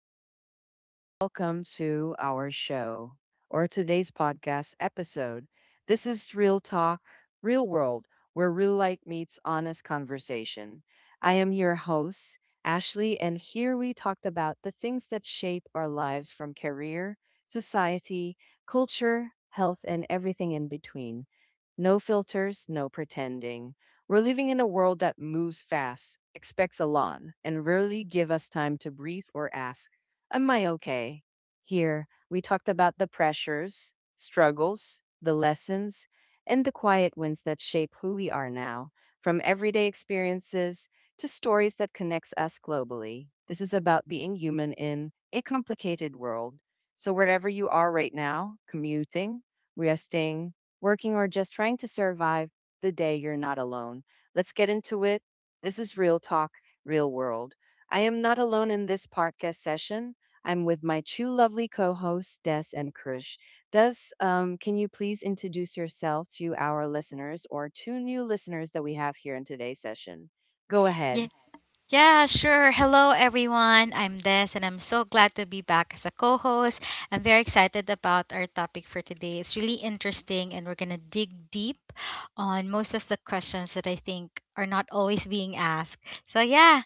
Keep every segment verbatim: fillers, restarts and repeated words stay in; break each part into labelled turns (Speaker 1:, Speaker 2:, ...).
Speaker 1: everyone, and welcome to our show or today's podcast episode. This is Real Talk, Real World, where real life meets honest conversation. I am your host, Ashley, and here we talked about the things that shape our lives from career, society, culture, health, and everything in between. No filters, no pretending. We're living in a world that moves fast, expects a lot, and rarely give us time to breathe or ask, am I okay? Here, we talked about the pressures, struggles, the lessons, and the quiet wins that shape who we are now, from everyday experiences to stories that connects us globally. This is about being human in a complicated world. So wherever you are right now, commuting, resting, working or just trying to survive, the day you're not alone. Let's get into it. This is Real Talk, Real World. I am not alone in this podcast session. I'm with my two lovely co hosts, Des and Krish. Des, um, can you please introduce yourself to our listeners or two new listeners that we have here in today's session? Go
Speaker 2: Yeah,
Speaker 1: ahead.
Speaker 2: yeah, sure. Hello, everyone. I'm Des, and I'm so glad to be back as a co host. I'm very excited about our topic for today. It's really interesting, and we're going to dig deep on most of the questions that I think are not always being asked. So, yeah.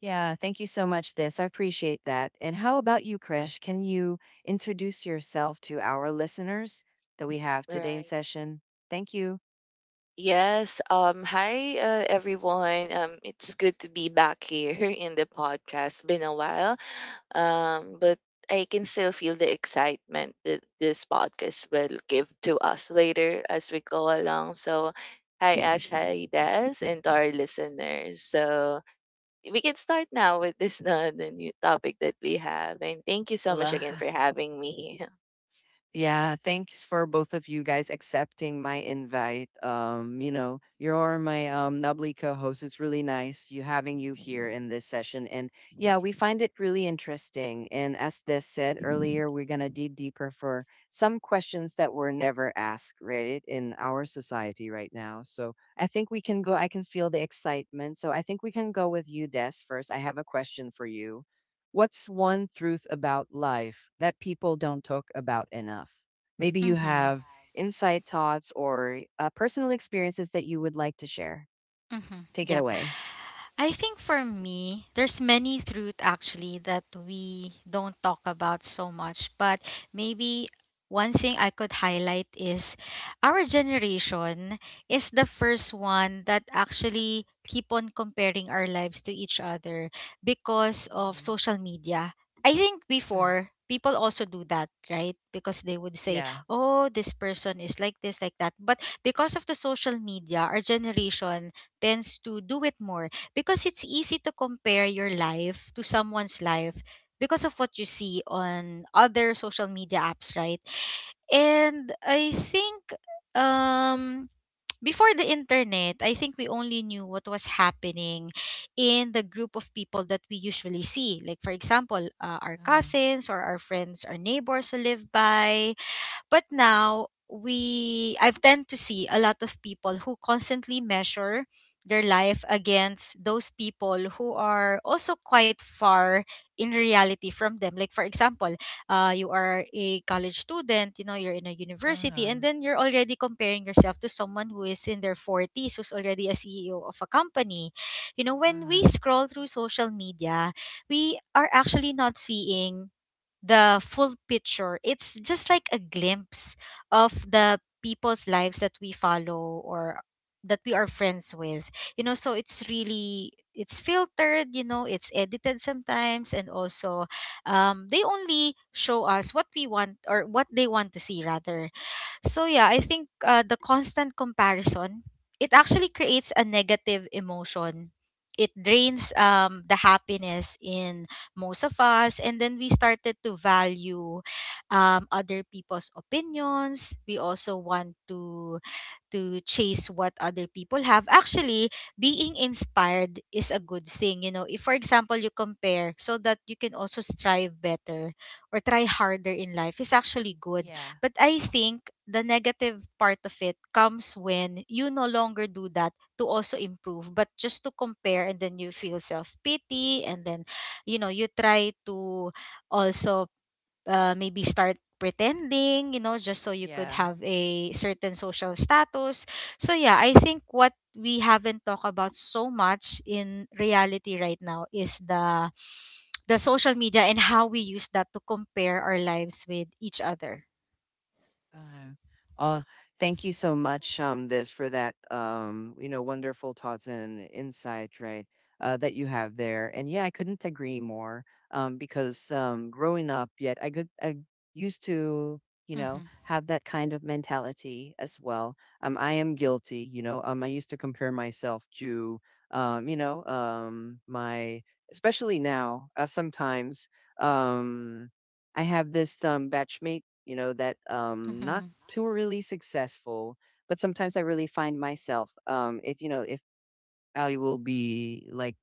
Speaker 1: Yeah, thank you so much, Des. I appreciate that. And how about you, Krish? Can you introduce yourself to our listeners that we have
Speaker 3: All
Speaker 1: today in
Speaker 3: right.
Speaker 1: session? Thank you.
Speaker 3: Yes. Um. Hi, uh, everyone. Um. It's good to be back here in the podcast. Been a while. Um. But I can still feel the excitement that this podcast will give to us later as we go along. So, hi, Ash. Hi, Des, and to our listeners. So we can start now with this uh, the new topic that we have. And thank you so much
Speaker 1: Hola.
Speaker 3: again for having me.
Speaker 1: Yeah, thanks for both of you guys accepting my invite. Um, you know, you're my um nubbly co-host. It's really nice you having you here in this session. And yeah, we find it really interesting. And as Des said earlier, we're gonna dig deeper for some questions that were never asked, right, in our society right now. So I think we can go, I can feel the excitement. So I think we can go with you, Des, first. I have a question for you. What's one truth about life that people don't talk about enough? Maybe
Speaker 2: Mm
Speaker 1: you
Speaker 2: hmm.
Speaker 1: have insight, thoughts or uh, personal experiences that you would like to share.
Speaker 2: Mm hmm.
Speaker 1: Take it
Speaker 2: Yep.
Speaker 1: away.
Speaker 2: I think for me, there's many truth actually that we don't talk about so much, but maybe one thing I could highlight is our generation is the first one that actually keep on comparing our lives to each other because of
Speaker 1: Mm-hmm.
Speaker 2: social media. I think
Speaker 1: Good.
Speaker 2: before people also do that, right? Because they would say,
Speaker 1: Yeah.
Speaker 2: "Oh, this person is like this, like that." But because of the social media, our generation tends to do it more because it's easy to compare your life to someone's life because of what you see on other social media apps, right? And I think um before the internet, I think we only knew what was happening in the group of people that we usually see. Like, for example, uh, our
Speaker 1: Uh huh.
Speaker 2: cousins or our friends, our neighbors who live by, but now we I've tend to see a lot of people who constantly measure their life against those people who are also quite far in reality from them. Like, for example, uh, you are a college student, you know, you're in a
Speaker 1: Uh
Speaker 2: university,
Speaker 1: huh.
Speaker 2: and then you're already comparing yourself to someone who is in their forties, who's already a C E O of a company. You know,
Speaker 1: Uh
Speaker 2: when we
Speaker 1: huh.
Speaker 2: scroll through social media, we are actually not seeing the full picture. It's just like a glimpse of the people's lives that we follow or that we are friends with. You know, so it's really it's filtered, you know, it's edited sometimes, and also um they only show us what we want, or what they want to see rather. So yeah, I think uh, the constant comparison, it actually creates a negative emotion. It drains um, the happiness in most of us, and then we started to value um, other people's opinions. We also want to to chase what other people have. Actually, being inspired is a good thing. You know, if for example you compare so that you can also strive better or try harder in life, is actually good.
Speaker 1: Yeah.
Speaker 2: But I think the negative part of it comes when you no longer do that to also improve, but just to compare, and then you feel self pity, and then you know you try to also uh, maybe start pretending, you know, just so you could
Speaker 1: Yeah.
Speaker 2: have a certain social status. So yeah, I think what we haven't talked about so much in reality right now is the the social media and how we use that to compare our lives with each other.
Speaker 1: Uh, uh, thank you so much, um, this for that, um, you know, wonderful thoughts and insight, right? Uh, that you have there, and yeah, I couldn't agree more. Um, because um, growing up, yet I could, I used to, you know,
Speaker 2: Mm-hmm.
Speaker 1: have that kind of mentality as well. Um, I am guilty, you know. Um, I used to compare myself to, um, you know, um, my, especially now, uh, sometimes, um. I have this um, batchmate, you know, that um, not
Speaker 2: Mm-hmm.
Speaker 1: too really successful, but sometimes I really find myself, um, if you know, if I will be like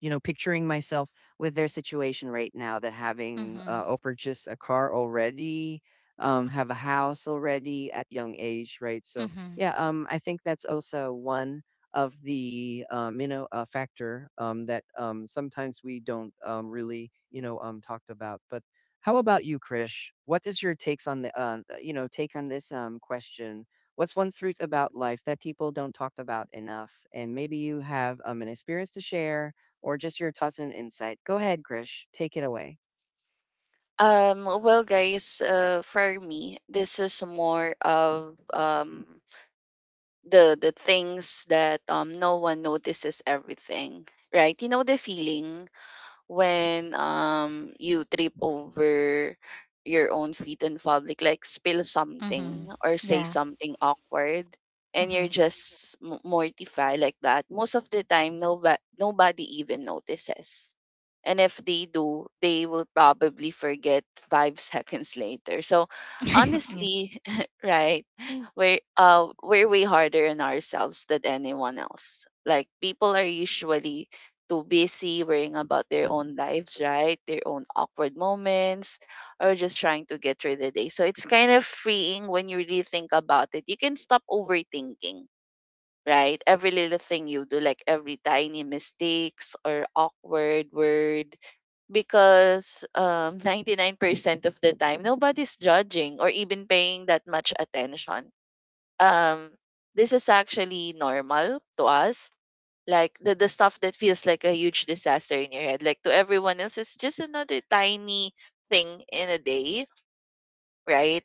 Speaker 1: you know, picturing myself with their situation right now that having uh,
Speaker 2: Mm-hmm.
Speaker 1: or purchase a car already, um, have a house already at young age, right? So
Speaker 2: Mm-hmm.
Speaker 1: yeah, um, I think that's also one of the um, you know uh, factor um, that um, sometimes we don't um, really you know um, talked about. But how about you, Krish? What is your takes on the uh, uh, you know take on this um, question? What's one truth about life that people don't talk about enough? And maybe you have um, an experience to share or just your thoughts and insight. Go ahead, Grish. Take it away.
Speaker 3: Um, well, guys, uh, for me, this is more of um the the things that um no one notices everything, right? You know the feeling when um you trip over your own feet in public, like spill something
Speaker 2: Hmm.
Speaker 3: or say
Speaker 2: Yeah.
Speaker 3: something awkward, and you're
Speaker 2: Mm-hmm.
Speaker 3: just m- mortified like that. Most of the time, nobody nobody even notices. And if they do, they will probably forget five seconds later. So,
Speaker 2: Yeah.
Speaker 3: honestly, right, we're uh we're way harder on ourselves than anyone else. Like people are usually too busy worrying about their own lives, right? Their own awkward moments, or just trying to get through the day. So it's kind of freeing when you really think about it. You can stop overthinking, right? Every little thing you do, like every tiny mistakes or awkward word, because um, ninety-nine percent of the time, nobody's judging or even paying that much attention. Um, this is actually normal to us, like the, the stuff that feels like a huge disaster in your head, like to everyone else it's just another tiny thing in a day, right?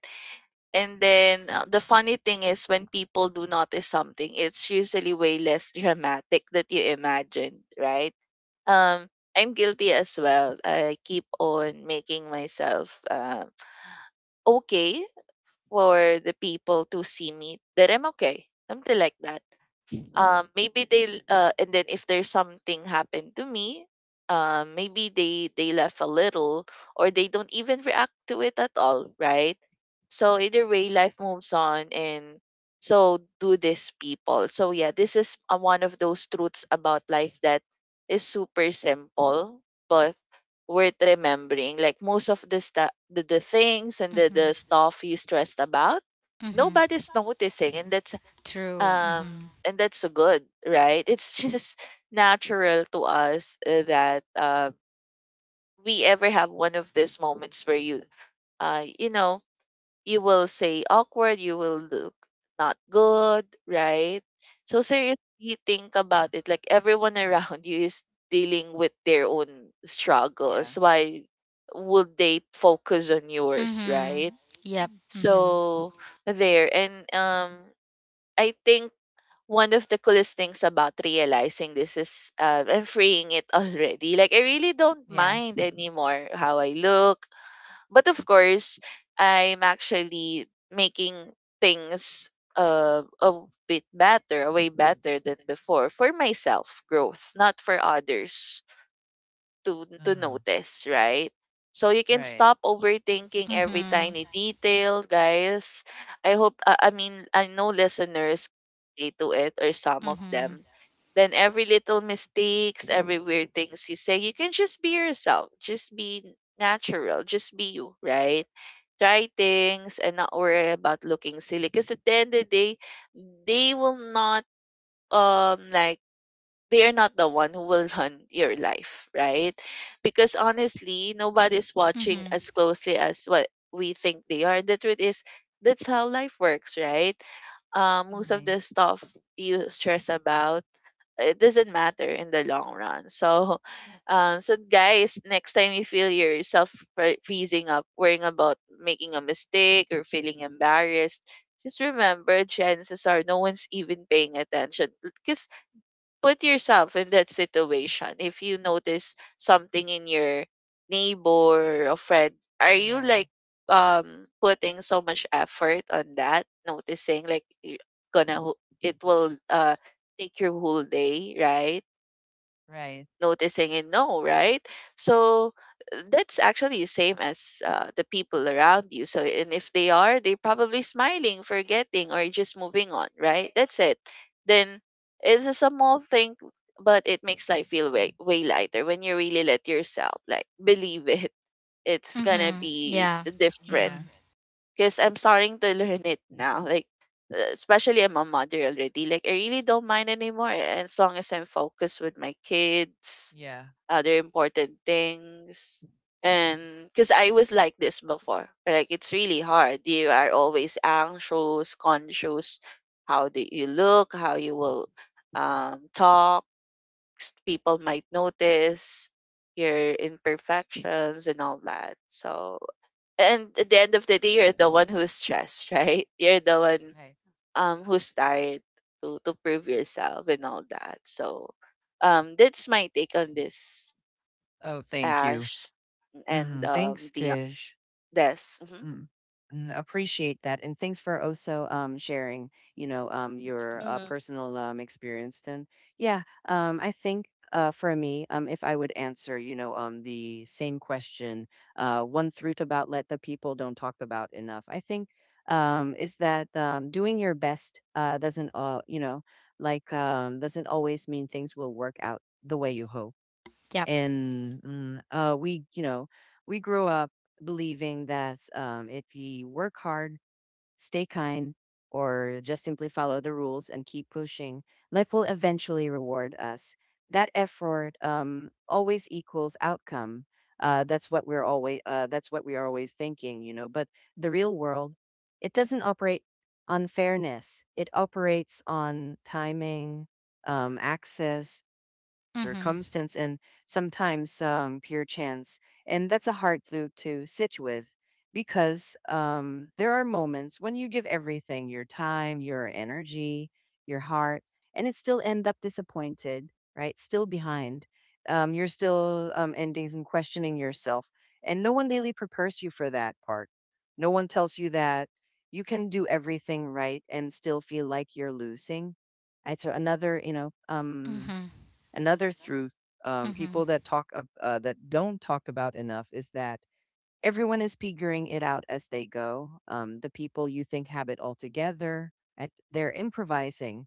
Speaker 3: And then uh, the funny thing is, when people do notice something, it's usually way less dramatic that you imagine, right? um I'm guilty as well. I keep on making myself um okay, for the people to see me that I'm okay, something like that. Um maybe they uh and then if there's something happened to me, um maybe they they laugh a little, or they don't even react to it at all, right? So either way life moves on, and so do these people. So yeah, this is uh, one of those truths about life that is super simple, but worth remembering. Like most of the stu the, the things and the, the
Speaker 2: Mm-hmm.
Speaker 3: stuff you stressed about,
Speaker 2: Mm-hmm.
Speaker 3: nobody's noticing. And that's
Speaker 2: True.
Speaker 3: um
Speaker 2: Mm-hmm.
Speaker 3: and that's so good, right? It's just natural to us, uh, that uh, we ever have one of these moments where you uh you know, you will say awkward, you will look not good, right? So, seriously, think about it. Like everyone around you is dealing with their own
Speaker 1: Yeah.
Speaker 3: struggles. Why would they focus on yours,
Speaker 2: Mm-hmm.
Speaker 3: right?
Speaker 2: Yep. Mm-hmm.
Speaker 3: So there. And um I think one of the coolest things about realizing this is, uh, I'm freeing it already. Like I really don't
Speaker 1: Yeah.
Speaker 3: mind anymore how I look, but of course I'm actually making things uh, a bit better, a way better than before, for myself growth, not for others to to
Speaker 1: Hmm.
Speaker 3: notice, right? So you can
Speaker 1: Right.
Speaker 3: stop overthinking every
Speaker 2: Mm-hmm.
Speaker 3: tiny detail, guys. I hope uh, I mean I know listeners relate to it, or some of
Speaker 2: Mm-hmm.
Speaker 3: them. Then every little mistakes, every weird things you say, you can just be yourself. Just be natural. Just be you, right? Try
Speaker 1: Right.
Speaker 3: things and not worry about looking silly. Because at the end of the day, they will not um like they are not the one who will run your life, right? Because honestly, nobody's watching
Speaker 2: Mhm.
Speaker 3: as closely as what we think they are. And the truth is, that's how life works, right? Um, most of
Speaker 1: Mhm.
Speaker 3: the stuff you stress about, it doesn't matter in the long run. So, um, so guys, next time you feel yourself fre- freezing up, worrying about making a mistake or feeling embarrassed, just remember, chances are no one's even paying attention. Because put yourself in that situation. If you notice something in your neighbor or friend, are you
Speaker 1: Yeah.
Speaker 3: like um putting so much effort on that? Noticing? Like, you're gonna ho- it will uh take your whole day, right?
Speaker 1: Right.
Speaker 3: Noticing and know, right? So, uh, that's actually the same as uh, the people around you. So, and if they are, they probably smiling, forgetting, or just moving on, right? That's it. Then it's a small thing, but it makes life feel way, way lighter when you really let yourself, like, believe it. It's gonna
Speaker 2: Mhm.
Speaker 3: be
Speaker 2: Yeah.
Speaker 3: different,
Speaker 1: Yeah.
Speaker 2: Mhm.
Speaker 3: because I'm starting to learn it now. Like, uh, especially I'm a mother already. Like I really don't mind anymore, as long as I'm focused with my kids,
Speaker 1: Yeah.
Speaker 3: other important things. And because I was like this before, like it's really hard. You are always anxious, conscious, how do you look, how you will um, talk. s- People might notice your imperfections and all that. So, and at the end of the day, you're the one who's stressed, right? You're the one
Speaker 1: Right.
Speaker 3: um, who's tired to, to prove yourself and all that. So, um, that's my take on this,
Speaker 1: Oh, thank you.
Speaker 3: Ash, and
Speaker 1: Hmm.
Speaker 3: um
Speaker 1: Thanks,
Speaker 3: the
Speaker 1: Krish.
Speaker 3: Des. Hmm
Speaker 1: Mm. Mm, appreciate that. And thanks for also um, sharing, you know, um, your uh,
Speaker 3: hmm
Speaker 1: personal um, experience. Then, yeah, um, I think uh, for me, um, if I would answer, you know, um, the same question, uh, one truth about let the people don't talk about enough, I think um, is that um, doing your best uh, doesn't, uh, you know, like um, doesn't always mean things will work out the way you hope
Speaker 2: Yep.
Speaker 1: and mm, uh, we you know we grew up believing that um, if we work hard stay kind or just simply follow the rules and keep pushing life will eventually reward us, that effort um, always equals outcome. uh, that's what we're always uh, that's what we are always thinking, you know. But the real world, it doesn't operate on fairness, it operates on timing, um, access,
Speaker 2: Mhm.
Speaker 1: circumstance and sometimes um, pure chance. And that's a hard to, to sit with because um, there are moments when you give everything your time, your energy, your heart, and it still end up disappointed, right? Still behind. Um, you're still um, endings and questioning yourself. And no one really prepares you for that part. No one tells you that you can do everything right and still feel like you're losing. I throw another, you know, um,
Speaker 2: Mhm.
Speaker 1: Another truth um,
Speaker 2: Mhm.
Speaker 1: people that talk ab- uh, that don't talk about enough is that everyone is figuring it out as they go. Um, the people you think have it all together, at, they're improvising.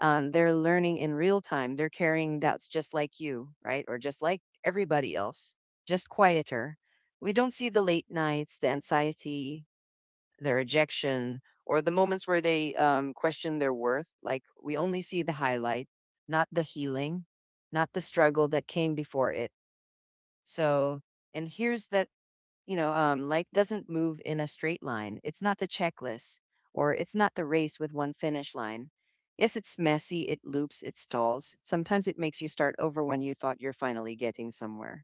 Speaker 1: Um, they're learning in real time. They're carrying doubts just like you, right? Or just like everybody else, just quieter. We don't see the late nights, the anxiety, their rejection, or the moments where they um, question their worth. Like we only see the highlight, not the healing, not the struggle that came before it. So, and here's that you know, um, life doesn't move in a straight line. It's not the checklist, or it's not the race with one finish line. Yes, it's messy, it loops, it stalls. Sometimes it makes you start over when you thought you're finally getting somewhere.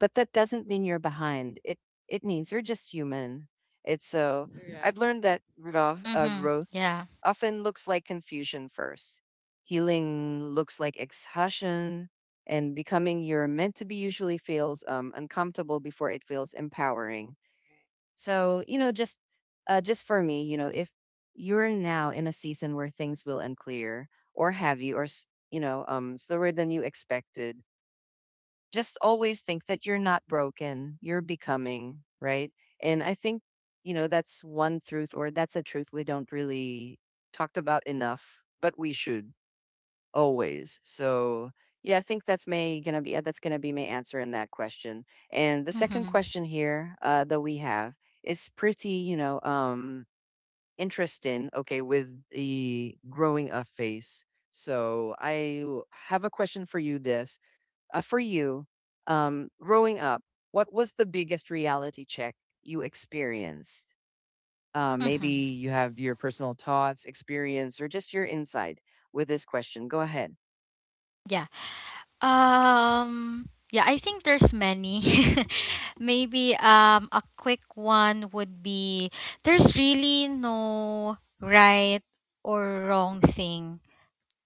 Speaker 1: But that doesn't mean you're behind. It it means you're just human. It's so I've
Speaker 3: Correct.
Speaker 1: learned that growth, uh,
Speaker 2: Mhm.
Speaker 1: growth
Speaker 2: Yeah.
Speaker 1: often looks like confusion first. Healing looks like exhaustion, and becoming you're meant to be usually feels um, uncomfortable before it feels empowering. So you know, just uh, just for me, you know, if you're now in a season where things will unclear, or have you, or s- you know, um, slower than you expected, just always think that you're not broken, you're becoming, right? And I think, you know, that's one truth or that's a truth we don't really talked about enough, but we should always. So, yeah, I think that's may gonna be uh, that's gonna be my answer in that question. And the second
Speaker 2: Mhm.
Speaker 1: question here uh, that we have is pretty, you know, um, interesting. Okay, with the growing up phase. So I w- have a question for you. Des uh, for you, um, growing up, what was the biggest reality check you experienced? Uh, maybe
Speaker 2: Mhm.
Speaker 1: you have your personal thoughts, experience, or just your insight with this question. Go ahead.
Speaker 2: Yeah. Um yeah, I think there's many. Maybe um a quick one would be there's really no right or wrong thing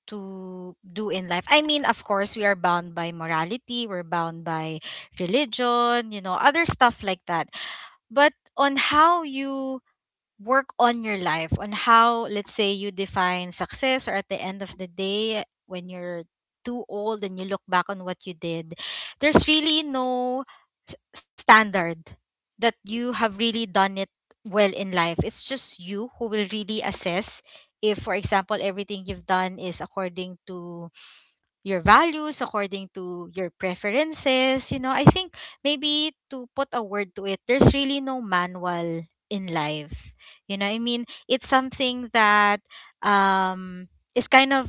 Speaker 2: to do in life. I mean, of course, we are bound by morality, we're bound by religion, you know, other stuff like that. But on how you work on your life, on how, let's say, you define success, or at the end of the day, when you're too old and you look back on what you did, there's really no s- standard that you have really done it well in life. It's just you who will really assess if, for example, everything you've done is according to your values, according to your preferences. You know, I think maybe to put a word to it, there's really no manual in life. You know, I mean, it's something that um is kind of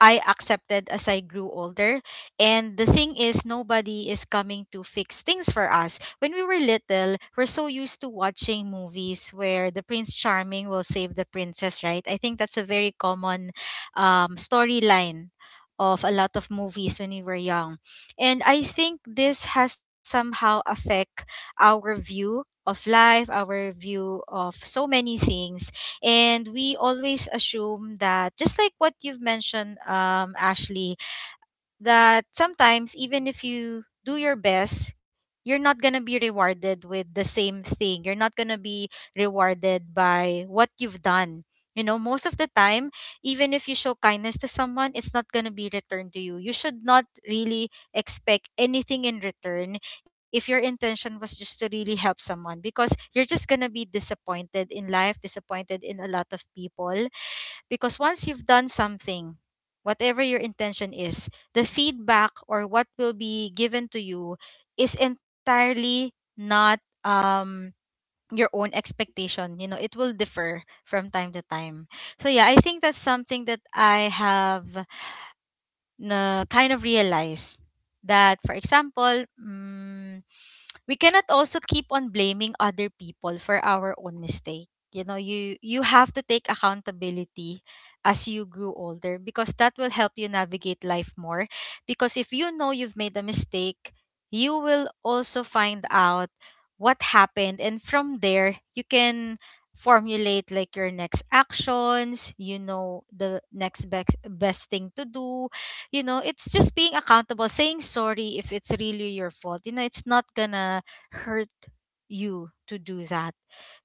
Speaker 2: I accepted as I grew older. And the thing is, nobody is coming to fix things for us. When we were little, we're so used to watching movies where the Prince Charming will save the princess, right? I think that's a very common um, storyline of a lot of movies when we were young. And I think this has somehow affect our view of life, our view of so many things, and we always assume that, just like what you've mentioned, um, ashley, that sometimes even if you do your best, you're not going to be rewarded with the same thing. You're not going to be rewarded by what you've done, you know, most of the time. Even if you show kindness to someone, it's not going to be returned to you. You should not really expect anything in return if your intention was just to really help someone, because you're just going to be disappointed in life, disappointed in a lot of people. Because once you've done something, whatever your intention is, the feedback or what will be given to you is entirely not um your own expectation. You know, it will differ from time to time. So yeah, I think that's something that I have na kind of realize that, for example, mm, we cannot also keep on blaming other people for our own mistake. You know, you you have to take accountability as you grew older, because that will help you navigate life more. Because if you know you've made a mistake, you will also find out what happened, and from there you can formulate like your next actions. You know, the next best best thing to do. You know, it's just being accountable, saying sorry if it's really your fault. You know, it's not gonna hurt you to do that.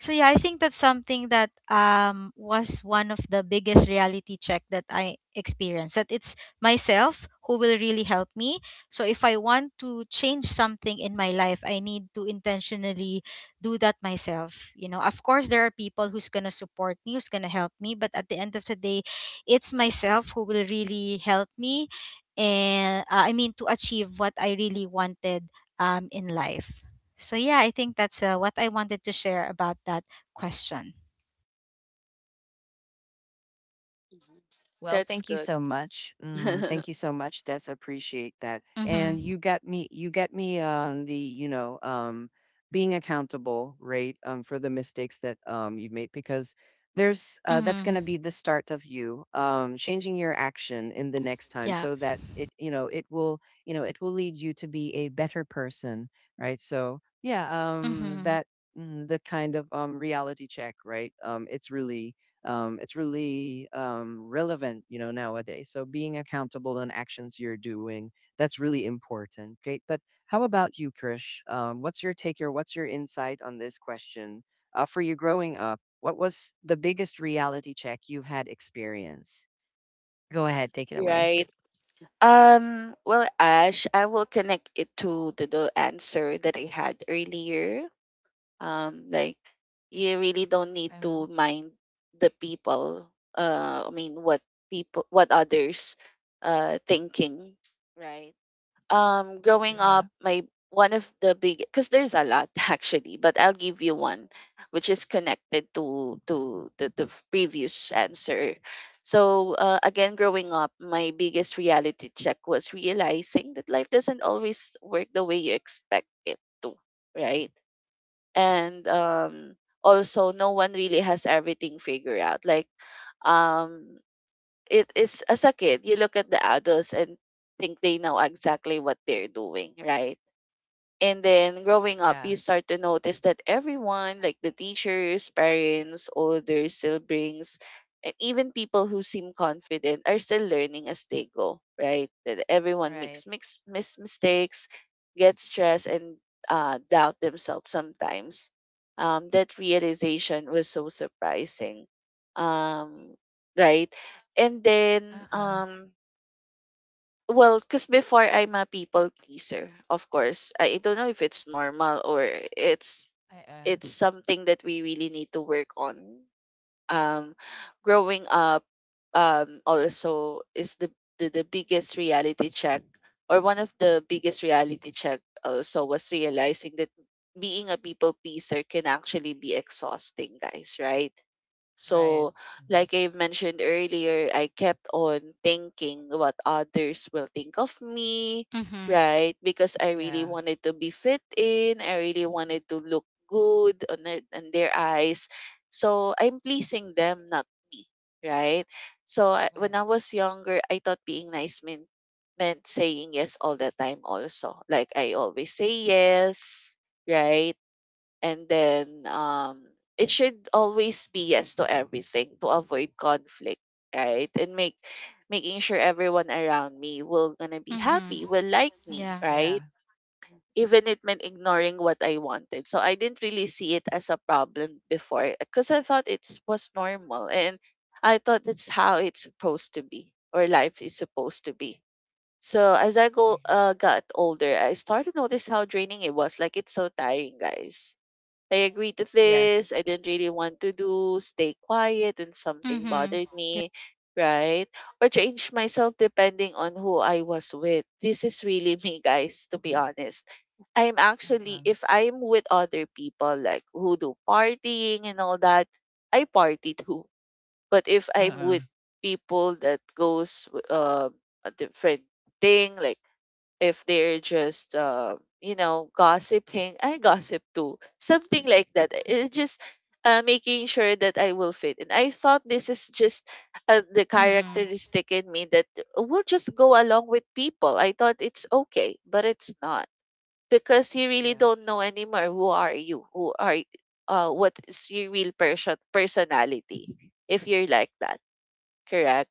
Speaker 2: So yeah, I think that's something that um was one of the biggest reality check that I experienced, that it's myself who will really help me. So if I want to change something in my life, I need to intentionally do that myself. You know, of course there are people who's gonna support me, who's gonna help me, but at the end of the day, it's myself who will really help me. And uh, I mean to achieve what I really wanted um, in life. So yeah, I think that's uh, what I wanted to share about that question.
Speaker 3: Hmm
Speaker 1: Well,
Speaker 3: That's
Speaker 1: thank you
Speaker 3: good.
Speaker 1: so much. Mm, thank you so much. That's appreciate that. And
Speaker 2: Mhm.
Speaker 1: you got me. You got me on the you know um, being accountable, right? Um, for the mistakes that um, you've made because there's uh, that's going
Speaker 2: Mhm.
Speaker 1: to be the start of you um, changing your action in the next time
Speaker 2: Yeah.
Speaker 1: so that it you know it will you know it will lead you to be a better person, right? So yeah, um,
Speaker 2: Mhm.
Speaker 1: that mm, the kind of um, reality check, right? Um, it's really um, it's really um, relevant you know nowadays, so being accountable on actions you're doing, that's really important. Great. But how about you, Krish, um, what's your take or what's your insight on this question? uh, for you growing up, what was the biggest reality check you've had experience? Go ahead, take it away.
Speaker 3: Right. Um, well, Ash, I will connect it to the, the answer that I had earlier. Um, like, you really don't need to
Speaker 1: Um,
Speaker 3: mind the people. Uh, I mean, what people, what others uh, thinking, right? um growing
Speaker 1: yeah.
Speaker 3: up, my one of the big, because there's a lot actually, but I'll give you one, which is connected to to the, the f- previous
Speaker 1: Uh,
Speaker 3: answer. So, uh, again, growing up, my biggest reality check was realizing that life doesn't always work the way you expect it to, right? And um also, no one really has everything figured out. Like, um it is, as a kid you look at the adults and think they know exactly what they're doing, right? And then growing up,
Speaker 1: yeah.
Speaker 3: you start to notice that everyone, like the teachers, parents, older siblings, and even people who seem confident, are still learning as they go, right? That everyone
Speaker 1: Right.
Speaker 3: makes mix, mis- mistakes, gets stressed, and uh, doubt themselves sometimes. Um, that realization was so surprising, um, right? And then
Speaker 1: Uh-uh.
Speaker 3: um, well, because before I'm a people pleaser, of course. I don't know if it's normal, or it's
Speaker 1: Uh-uh.
Speaker 3: it's something that we really need to work on. Um, growing up, um, also is the, the the biggest reality check, or one of the biggest reality check. Also was realizing that being a people pleaser can actually be exhausting, guys. Right?
Speaker 1: Right.
Speaker 3: So,
Speaker 1: Mhm.
Speaker 3: like I mentioned earlier, I kept on thinking what others will think of me,
Speaker 2: Mhm.
Speaker 3: right? Because I really
Speaker 1: Yeah.
Speaker 3: wanted to be fit in, I really wanted to look good on their, on their eyes. So, I'm pleasing them, not me, right? So, I, when
Speaker 1: Right.
Speaker 3: I was younger, I thought being nice meant, meant saying yes all the time, also. Like, I always say yes, right? And then um it should always be yes to everything, to avoid conflict, right? And make making sure everyone around me will gonna be
Speaker 2: Mhm.
Speaker 3: happy, will like me,
Speaker 2: Yeah.
Speaker 3: right?
Speaker 1: Yeah.
Speaker 3: Even it meant ignoring what I wanted. So I didn't really see it as a problem before, because I thought it was normal, and I thought that's how it's supposed to be, or life is supposed to be. So as I go
Speaker 1: Yeah.
Speaker 3: uh, got older, I started to notice how draining it was. Like, it's so tiring, guys. I agreed to
Speaker 1: Yes.
Speaker 3: this. I didn't really want to do. Stay quiet when something
Speaker 2: Mhm.
Speaker 3: bothered
Speaker 2: Yeah.
Speaker 3: me, right? Or change myself depending on who I was with. This is really me, guys, to be honest. I'm actually,
Speaker 1: Uh-uh.
Speaker 3: if I'm with other people, like who do partying and all that, I party too. But if I'm
Speaker 1: Uh-uh.
Speaker 3: with people that goes um a different thing, like, if they're just uh, you know, gossiping, I gossip too, something like that. It just uh, making sure that I will fit. And I thought this is just uh, the
Speaker 2: Mhm.
Speaker 3: characteristic in me that will just go along with people. I thought it's okay, but it's not, because you really
Speaker 1: Yeah.
Speaker 3: don't know anymore who are you, who are y- uh, what is your real person personality if you're like that. Correct.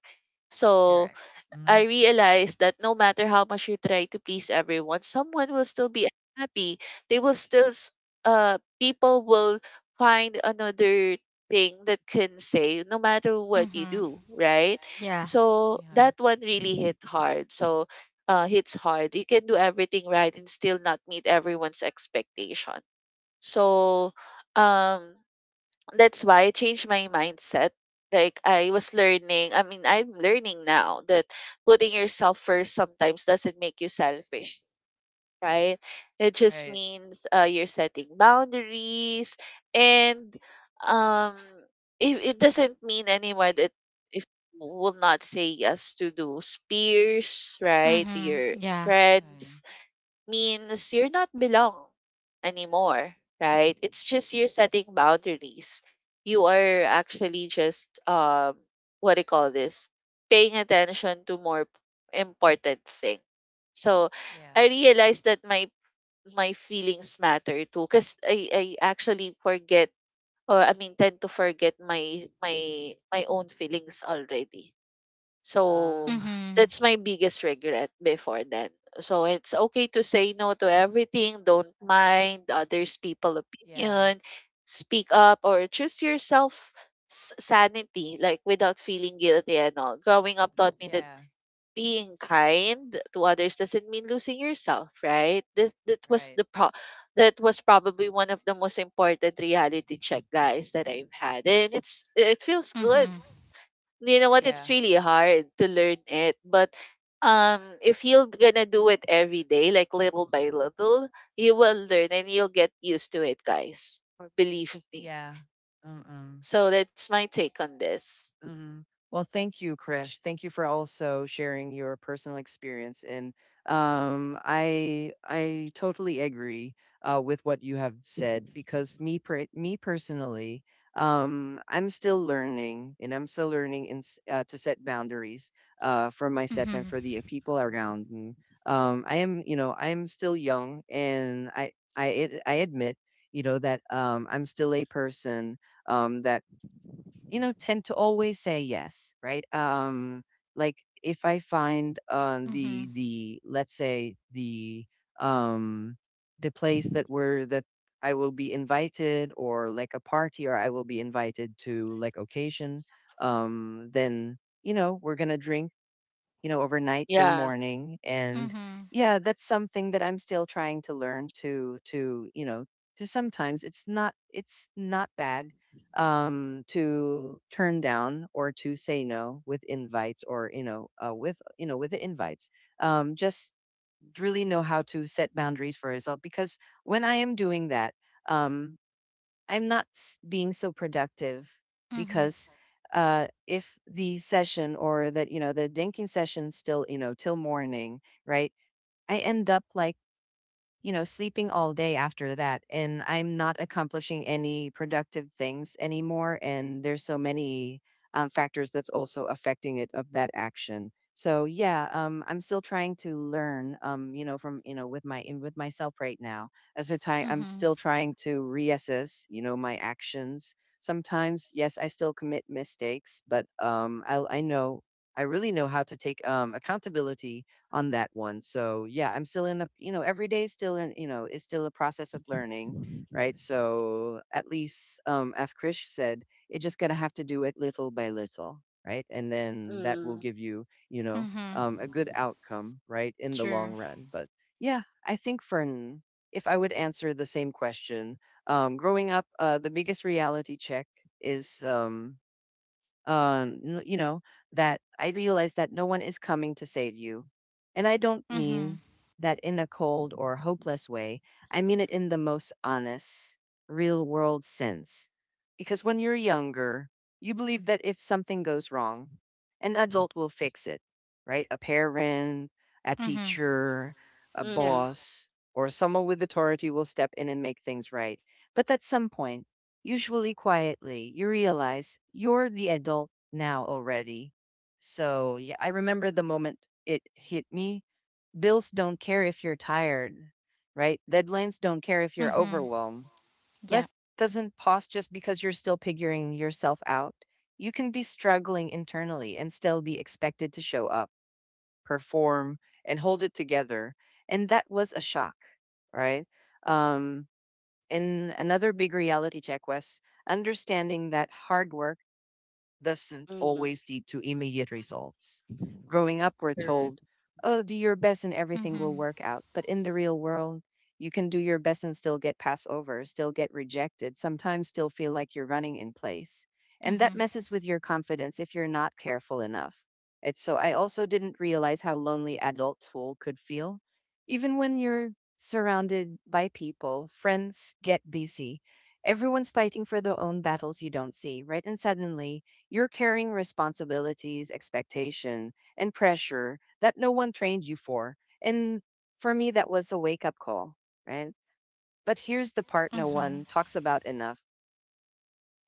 Speaker 3: So
Speaker 1: Eric, you
Speaker 3: I
Speaker 1: know?
Speaker 3: realized that no matter how much you try to please everyone, someone will still be unhappy. They will still, s- uh, people will find another thing that can say, no matter what you
Speaker 2: Mhm.
Speaker 3: do, right?
Speaker 2: Yeah.
Speaker 3: So
Speaker 1: Yeah,
Speaker 3: that one really hit hard. So, uh, hits hard. You can do everything right and still not meet everyone's expectation. So, um, that's why I changed my mindset. Like, I was learning, I mean, I'm learning now that putting yourself first sometimes doesn't make you selfish, right? It just
Speaker 1: right.
Speaker 3: means uh, you're setting boundaries. And um it, it doesn't mean anymore that if you will not say yes to those peers, right? To
Speaker 2: Mhm.
Speaker 3: your
Speaker 2: Yeah.
Speaker 3: friends,
Speaker 1: Um,
Speaker 3: means you're not belong anymore, right? It's just you're setting boundaries. You are actually just um what do you call this? Paying attention to more important thing. So
Speaker 1: yeah.
Speaker 3: I realized that my my feelings matter too because I, I actually forget or I mean tend to forget my my my own feelings already so
Speaker 1: Um,
Speaker 2: Mhm.
Speaker 3: that's my biggest regret before then. So it's okay to say no to everything. Don't mind others people
Speaker 1: yeah,
Speaker 3: opinion. Speak up or choose yourself s- sanity, like without feeling guilty and all. Growing up taught me that
Speaker 1: yeah,
Speaker 3: being kind to others doesn't mean losing yourself, right? That that was
Speaker 1: right.
Speaker 3: the pro that was probably one of the most important reality check guys that I've had. And it's it feels good.
Speaker 2: Mhm.
Speaker 3: You know what, it's
Speaker 1: Yeah,
Speaker 3: really hard to learn it but um if you're gonna do it every day like little by little you will learn and you'll get used to it guys, believe me.
Speaker 1: yeah. Uh-uh.
Speaker 3: So that's my take on this.
Speaker 1: Mhm. Well, thank you, Krish. Thank you for also sharing your personal experience. And um, I I totally agree uh, with what you have said because me per- me personally, um, I'm still learning and I'm still learning in, s- uh, to set boundaries uh, for myself and
Speaker 2: Mhm.
Speaker 1: for the uh, people around me. Um, I am, you know, I'm still young, and I I ad- I admit, you know, that um, I'm still a person um, that you know tend to always say yes, right? um like if I find um the
Speaker 2: Mhm.
Speaker 1: the let's say the um the place that we're that I will be invited, or like a party, or I will be invited to like occasion, um then you know we're gonna drink, you know, overnight till the
Speaker 3: Yeah.
Speaker 1: morning. And
Speaker 2: Mhm.
Speaker 1: yeah, that's something that I'm still trying to learn to to, you know, to sometimes it's not it's not bad um to turn down or to say no with invites, or you know uh, with you know with the invites, um just really know how to set boundaries for yourself, because when I am doing that, um I'm not s- being so productive
Speaker 2: Mhm.
Speaker 1: because uh, if the session or that you know the dinking session still you know till morning, right? I end up like you know, sleeping all day after that. And I'm not accomplishing any productive things anymore. And there's so many um, factors that's also affecting it of that action. So yeah, um, I'm still trying to learn, um, you know, from you know, with my in with myself right now. As a time, I'm
Speaker 2: Mhm.
Speaker 1: still trying to reassess, you know, my actions. Sometimes, yes, I still commit mistakes, but um, I I know I really know how to take um, accountability on that one. So yeah, I'm still in the you know every day is still in you know is still a process of learning, right? So at least um, as Krish said, you're just gonna have to do it little by little, right? And then that
Speaker 3: Mm-hmm.
Speaker 1: will give you you know
Speaker 2: Mhm.
Speaker 1: um, a good outcome, right, in the long
Speaker 2: Sure.
Speaker 1: run. But yeah, I think for n- if I would answer the same question, um, growing up, uh, the biggest reality check is um, um, n- you know, that I realize that no one is coming to save you. And I don't
Speaker 2: Mhm.
Speaker 1: mean that in a cold or hopeless way. I mean it in the most honest, real world sense. Because when you're younger, you believe that if something goes wrong, an adult will fix it, right? A parent, a
Speaker 2: Mhm.
Speaker 1: teacher, a
Speaker 2: Yeah.
Speaker 3: Mm-hmm.
Speaker 1: boss, or someone with authority will step in and make things right. But at some point, usually quietly, you realize you're the adult now already. So, yeah, I remember the moment it hit me. Bills don't care if you're tired, right? Deadlines don't care if you're
Speaker 2: Mhm.
Speaker 1: overwhelmed. Life
Speaker 2: Yeah.
Speaker 1: doesn't pause just because you're still figuring yourself out. You can be struggling internally and still be expected to show up, perform, and hold it together. And that was a shock, right? Um, and another big reality check was understanding that hard work doesn't always
Speaker 3: Mm-hmm.
Speaker 1: lead to immediate results. Growing up, we're
Speaker 3: Correct.
Speaker 1: told, oh, do your best and everything will
Speaker 2: Mhm.
Speaker 1: work out. But in the real world, you can do your best and still get passed over, still get rejected, sometimes still feel like you're running in place. And that
Speaker 2: Mhm.
Speaker 1: messes with your confidence if you're not careful enough. It's so I also didn't realize how lonely adulthood could feel. Even when you're surrounded by people, friends get busy. Everyone's fighting for their own battles you don't see, right? And suddenly you're carrying responsibilities, expectation, and pressure that no one trained you for. And for me, that was a wake up call, right? But here's the part no one
Speaker 2: Mhm.
Speaker 1: talks about enough.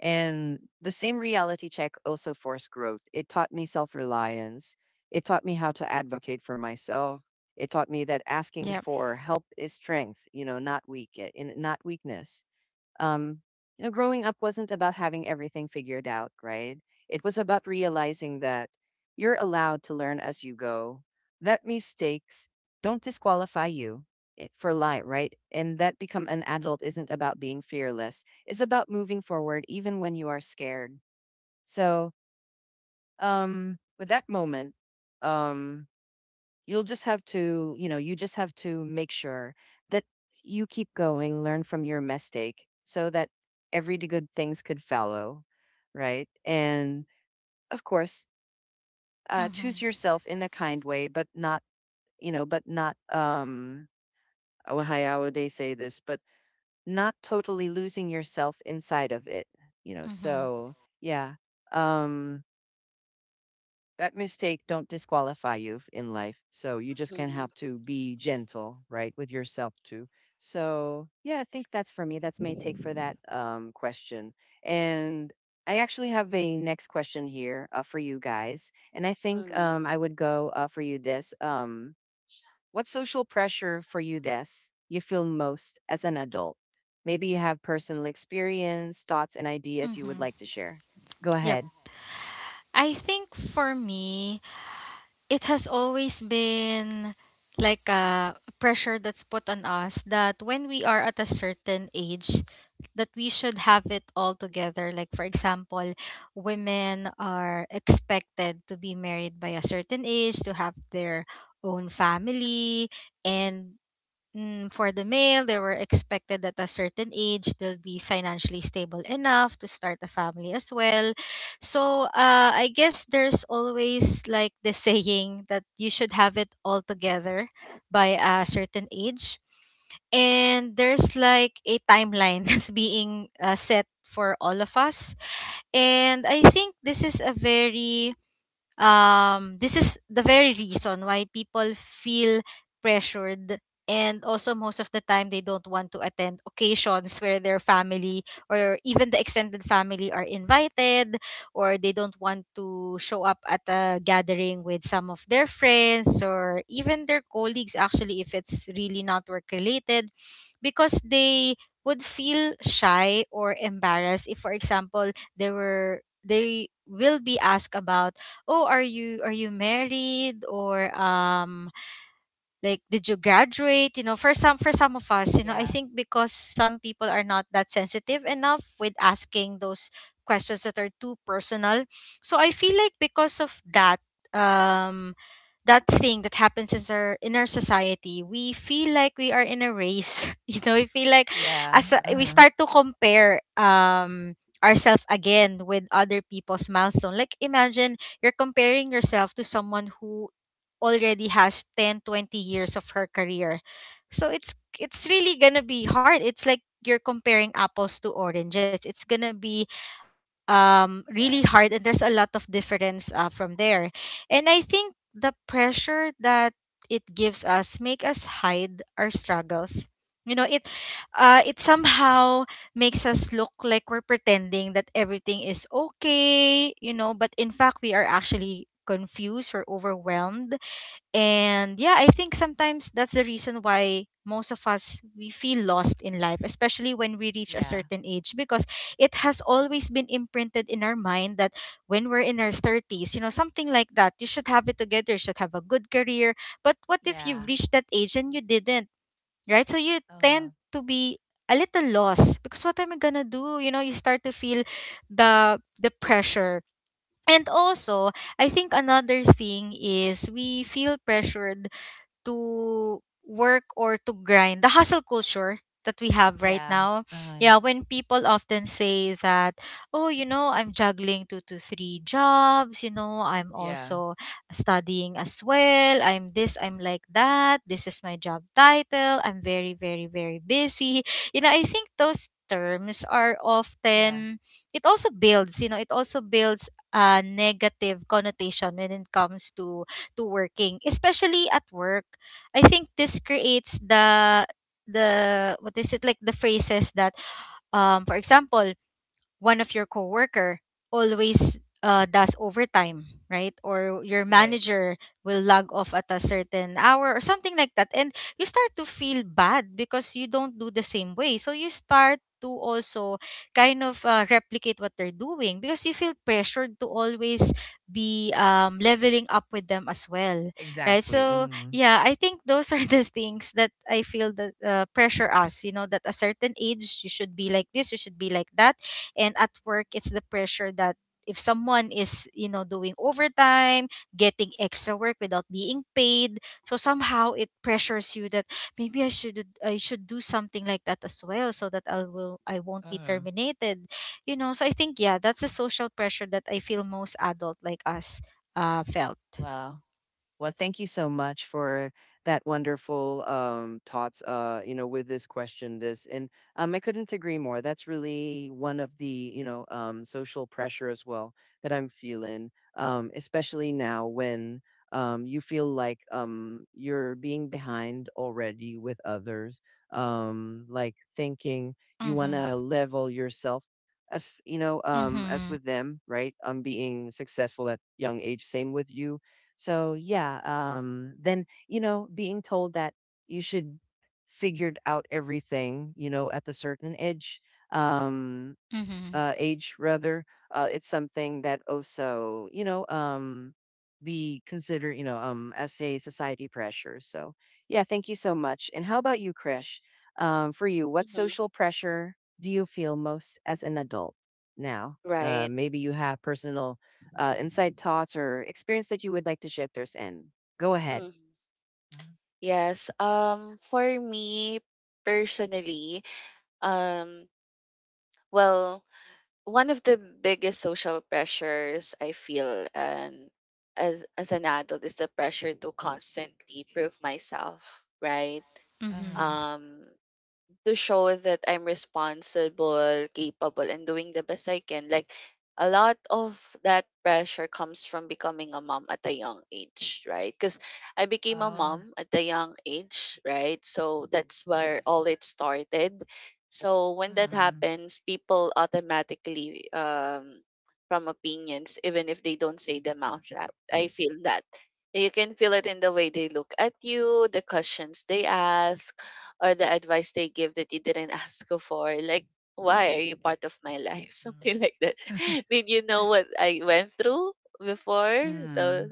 Speaker 1: And the same reality check also forced growth. It taught me self reliance, it taught me how to advocate for myself. It taught me that asking
Speaker 2: Yep.
Speaker 1: for help is strength, you know, not weak, eh, in- not weakness. um, you know, growing up wasn't about having everything figured out, right? It was about realizing that you're allowed to learn as you go, that mistakes don't disqualify you i- for life, right? And that become an adult isn't about being fearless, it's about moving forward even when you are scared. So, um, with that moment, um, you'll just have to, you know, you just have to make sure that you keep going, learn from your mistake so that every d- good things could follow, right? And of course, uh, choose
Speaker 2: Mhm.
Speaker 1: yourself in a kind way, but not, you know, but not, um, oh, how would they say this? But not totally losing yourself inside of it, you know?
Speaker 2: Mhm.
Speaker 1: So, yeah. Um, that mistake don't disqualify you in life. So you just can
Speaker 3: Mm-hmm.
Speaker 1: have to be gentle, right, with yourself too. So yeah, I think that's for me. That's my take for that um, question. And I actually have a next question here uh, for you guys, and I think
Speaker 3: Mm-hmm.
Speaker 1: um, I would go uh, for you this. Um, what social pressure for you this you feel most as an adult? Maybe you have personal experience, thoughts, and ideas you would
Speaker 2: Mhm.
Speaker 1: like to share. Go
Speaker 2: Yep.
Speaker 1: ahead.
Speaker 2: I think for me, it has always been like a pressure that's put on us, that when we are at a certain age, that we should have it all together. Like, for example, women are expected to be married by a certain age, to have their own family, and mm, for the male, they were expected at a certain age they'll be financially stable enough to start a family as well. So uh, I guess there's always like the saying that you should have it all together by a certain age. And there's like a timeline that's being uh, set for all of us. And I think this is a very um, this is the very reason why people feel pressured, and also most of the time they don't want to attend occasions where their family or even the extended family are invited, or they don't want to show up at a gathering with some of their friends or even their colleagues, actually, if it's really not work related. Because they would feel shy or embarrassed if, for example, they were they will be asked about, "Oh, are you are you married?" or um like, did you graduate? You know, for some for some of us, you know, I
Speaker 1: Yeah.
Speaker 2: think, because some people are not that sensitive enough with asking those questions that are too personal. So I feel like because of that um that thing that happens in our in our society, we feel like we are in a race you know, we feel like
Speaker 1: Yeah.
Speaker 2: as a, we
Speaker 1: Uh-huh.
Speaker 2: start to compare um ourselves again with other people's milestone. Like, imagine you're comparing yourself to someone who already has ten, twenty years of her career. So it's it's really gonna be hard. It's like you're comparing apples to oranges. It's gonna be um really
Speaker 1: Yeah.
Speaker 2: hard, and there's a lot of difference uh, from there. And I think the pressure that it gives us make us hide our struggles. You know, it uh, it somehow makes us look like we're pretending that everything is okay, you know, but in fact we are actually confused or overwhelmed. And yeah, I think sometimes that's the reason why most of us we feel lost in life, especially when we reach a
Speaker 1: Yeah.
Speaker 2: certain age, because it has always been imprinted in our mind that when we're in our thirties, you know, something like that, you should have it together, you should have a good career. But what if you've
Speaker 1: Yeah.
Speaker 2: reached that age and you didn't, right? So you
Speaker 1: Uh,
Speaker 2: tend to be a little lost because what am I gonna do? You know, you start to feel the the pressure. And also, I think another thing is we feel pressured to work or to grind the hustle culture that we have right
Speaker 1: yeah.
Speaker 2: now
Speaker 1: Uh,
Speaker 2: yeah when people often say that oh you know I'm juggling two to three jobs, you know I'm
Speaker 1: yeah.
Speaker 2: also studying as well, I'm this, I'm like that, this is my job title, I'm very very very busy you know I think those terms are
Speaker 1: Yeah.
Speaker 2: often it also builds you know it also builds a negative connotation when it comes to to working, especially at work. I think this creates the the what is it, like the phrases that um for example one of your coworker always uh, does overtime, right? Or your
Speaker 1: Right.
Speaker 2: manager will log off at a certain hour or something like that. And you start to feel bad because you don't do the same way. So you start to also kind of uh, replicate what they're doing because you feel pressured to always be um, leveling up with them as well, right?
Speaker 1: Exactly.
Speaker 2: So
Speaker 1: Mm.
Speaker 2: yeah, I think those are the things that I feel that uh, pressure us. You know, that a certain age you should be like this, you should be like that, and at work it's the pressure that if someone is you know doing overtime, getting extra work without being paid, so somehow it pressures you that maybe i should i should do something like that as well so that i will i won't be
Speaker 1: Uh,
Speaker 2: terminated. You know, so I think, yeah, that's the social pressure that I feel most adult like us uh felt.
Speaker 1: wow. Well, thank you so much for that wonderful um, thoughts. Uh, you know, with this question, this and um, I couldn't agree more. That's really one of the you know um, social pressure as well that I'm feeling, um, especially now when um, you feel like um, you're being behind already with others. Um, like thinking you want
Speaker 2: Mhm.
Speaker 1: to level yourself as you know um, as
Speaker 2: Mhm.
Speaker 1: with them, right? Um, being successful at young age. Same with you so yeah, um, then you know, being told that you should figured out everything, you know, at the certain age. Um,
Speaker 2: Mhm.
Speaker 1: uh, Age rather, uh, it's something that also, you know, um, we consider, you know, um, as a society pressure. So yeah, thank you so much. And how about you, Krish? Um, for you, what
Speaker 3: Mm-hmm.
Speaker 1: social pressure do you feel most as an adult now? Uh,
Speaker 3: Right.
Speaker 1: maybe you have personal uh, insight thoughts or experience that you would like to share if there's any. Go ahead.
Speaker 3: hmm Yes. Um, for me personally, um, well, one of the biggest social pressures I feel and as as an adult is the pressure to constantly prove myself, right?
Speaker 1: Uh-huh.
Speaker 2: Mhm.
Speaker 3: Um to show that I'm responsible, capable, and doing the best I can. Like a lot of that pressure comes from becoming a mom at a young age, right? Because I became a
Speaker 1: Oh.
Speaker 3: mom at a young age, right? So that's where all it started. So when that
Speaker 1: Mm.
Speaker 3: happens, people automatically um from opinions, even if they don't say them out loud. I feel that. You can feel it in the way they look at you, the questions they ask, or the advice they give that you didn't ask for. Like, why are you part of my life?
Speaker 1: Mm.
Speaker 3: Something like that. Did you know what I went through before? So,
Speaker 1: Mm.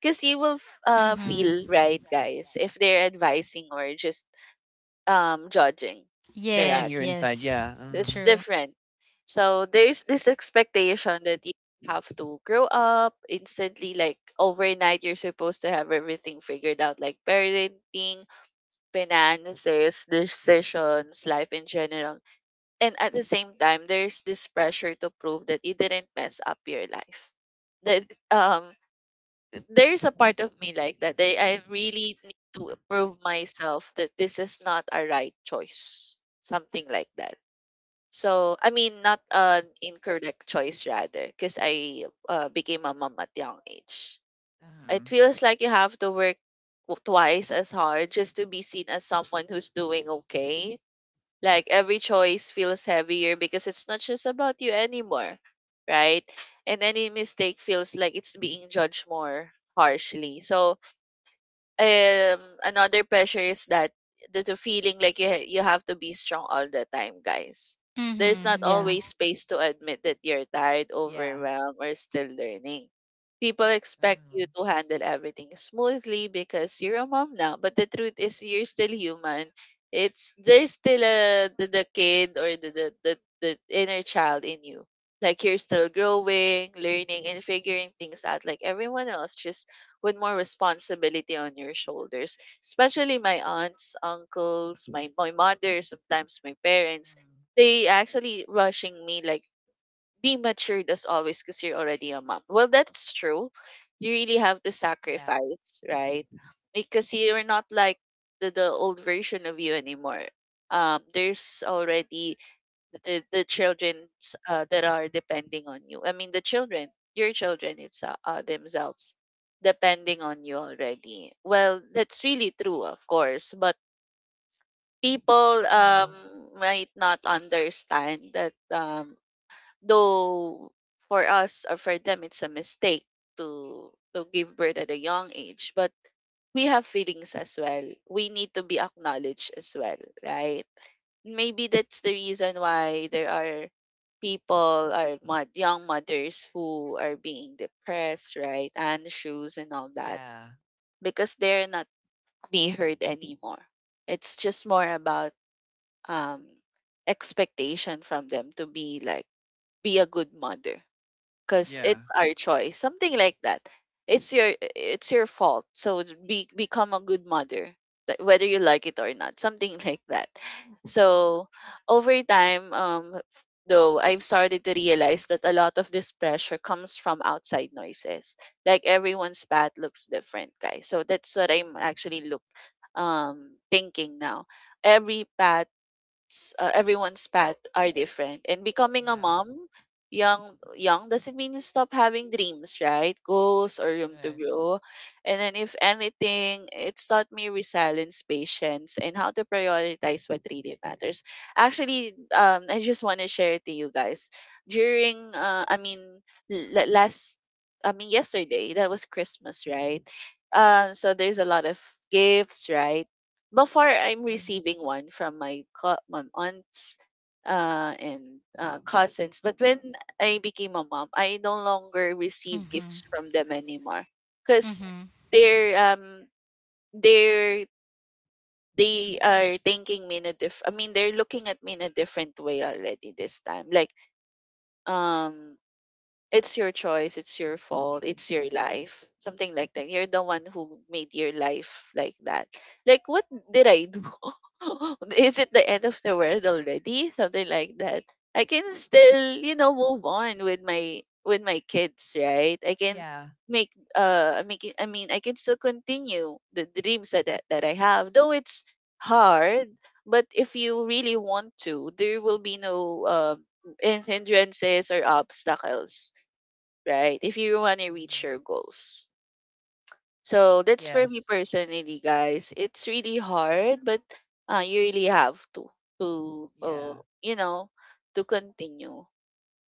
Speaker 3: because you will f- uh,
Speaker 2: Mhm.
Speaker 3: feel right, guys, if they're advising or just um judging.
Speaker 1: Judging
Speaker 3: Correct.
Speaker 2: Yes,
Speaker 1: your inside.
Speaker 2: yes.
Speaker 1: Yeah.
Speaker 3: It's
Speaker 1: Mm.
Speaker 2: True.
Speaker 3: different. So there's this expectation that you have to grow up instantly, like overnight. You're supposed to have everything figured out, like parenting, finances, decisions, life in general. And at the same time, there's this pressure to prove that you didn't mess up your life. That um There's a part of me like that. That I really need to prove myself that this is not a right choice. Something like that. So I mean not an incorrect choice rather, because I uh, became a mom at young age. It
Speaker 1: Mm.
Speaker 3: feels like you have to work w- twice as hard just to be seen as someone who's doing okay. Like every choice feels heavier because it's not just about you anymore, right? And any mistake feels like it's being judged more harshly. So um another pressure is that the, the feeling like you ha- you have to be strong all the time, guys. There's not
Speaker 2: Mhm. Yeah.
Speaker 3: always space to admit that you're tired,
Speaker 1: Yeah.
Speaker 3: overwhelmed, or still learning. People expect
Speaker 1: Uh-huh.
Speaker 3: you to handle everything smoothly because you're a mom now. But the truth is, you're still human. It's there's still a the, the kid or the, the the the inner child in you. Like you're still growing, learning, and figuring things out like everyone else. Just with more responsibility on your shoulders. Especially my aunts, uncles, my my mother, sometimes my parents,
Speaker 1: Uh-huh.
Speaker 3: they actually rushing me like be matured as always because you're already a mom. Well, that's true. You really have to
Speaker 1: Yeah.
Speaker 3: sacrifice, right? Because you're not like the, the old version of you anymore. Um, there's already the the children uh, that are depending on you. I mean, the children, your children it's uh, uh, themselves depending on you already. Well, that's really true, of course, but people
Speaker 1: Uh-huh.
Speaker 3: um might not understand that um though for us or for them it's a mistake to to give birth at a young age, but we have feelings as well. We need to be acknowledged as well, right? Maybe that's the reason why there are people are mod- young mothers who are being depressed, right? And shoes and all that
Speaker 1: Yeah.
Speaker 3: because they're not being heard anymore. It's just more about um expectation from them to be like be a good mother because
Speaker 1: Yeah.
Speaker 3: it's our choice something like that. It's your it's your fault, so be become a good mother, that- whether you like it or not, something like that. So over time um f- though I've started to realize that a lot of this pressure comes from outside noises, like everyone's path looks different guys, so that's what I'm actually look um thinking now. Every path s- uh, everyone's path are different. And becoming a
Speaker 1: Yeah.
Speaker 3: mom, young young doesn't mean you stop having dreams, right? Goals or room to
Speaker 1: Yeah.
Speaker 3: grow. And then if anything, it's taught me resilience, patience, and how to prioritize what really matters. Actually, um, I just want to share it to you guys. During, uh, I mean, l- last, I mean, Yesterday that was Christmas, right? Um, so there's a lot of gifts, right? Before I'm
Speaker 1: Um,
Speaker 3: receiving one from my co- my aunts uh, and uh, cousins, but when I became a mom, I no longer receive gifts
Speaker 2: Mhm.
Speaker 3: from them anymore because
Speaker 2: Mhm.
Speaker 3: they're um they're they are thinking me in a diff. I mean, they're looking at me in a different way already this time. Like um it's your choice, it's your fault, it's your life, something like that. You're the one who made your life like that. Like, what did I do? Is it the
Speaker 1: yeah.
Speaker 3: end of the world already? Something like that. I can still, you know, move on with my with my kids, right? I can
Speaker 1: Yeah.
Speaker 3: make uh make it, I mean I can still continue the dreams that, that that I have, though it's hard. But if you really want to, there will be no um hindrances or obstacles, right? If you want to reach
Speaker 1: Really.
Speaker 3: your goals. So that's for me
Speaker 1: Yes.
Speaker 3: personally, guys. It's really
Speaker 1: Um,
Speaker 3: hard, but uh, you really have to to uh,
Speaker 1: yeah.
Speaker 3: you know to continue.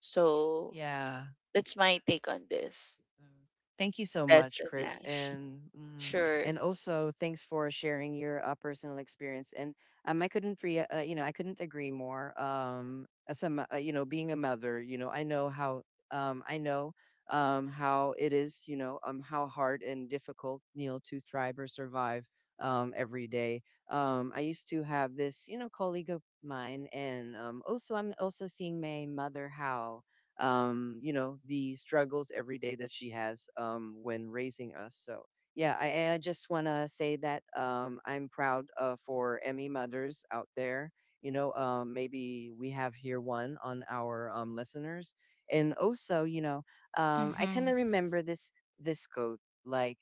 Speaker 3: So
Speaker 1: Yeah.
Speaker 3: that's my take on this.
Speaker 1: Um, Thank you so
Speaker 3: That's
Speaker 1: much,
Speaker 3: an
Speaker 1: Chris,
Speaker 3: ash.
Speaker 1: and mm,
Speaker 3: Sure.
Speaker 1: and also thanks for sharing your uh, personal experience. And um, I couldn't re- uh, you know, I couldn't agree more. Um, as a mo- uh, you know, being a mother, you know, I know how um, I know um, how it is, you know, um, how hard and difficult you know to thrive or survive um, every day. Um, I used to have this, you know, colleague of mine, and um, also I'm also seeing my mother how um, you know, the struggles every day that she has um, when raising us. So, yeah, I, I just want to say that um, I'm proud uh, for Emmy mothers out there. You know, um, maybe we have here one on our um, listeners. And also, you know, um, I kind of
Speaker 2: Mhm.
Speaker 1: remember this this quote like,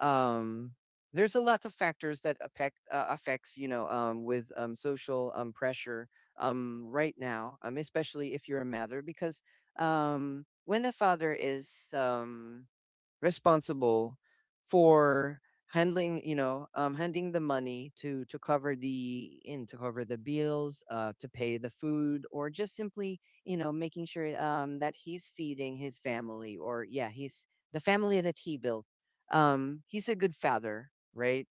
Speaker 1: um, there's a lot of factors that affect uh, affects you know um, with um, social um, pressure um, right now, um, especially if you're a mother, because um, when a father is um, responsible for handling, you know, um, handing the money to to cover the in to cover the bills, uh, to pay the food, or just simply, you know, making sure um, that he's feeding his family, or yeah, he's the family that he built. Um, he's a good father, right?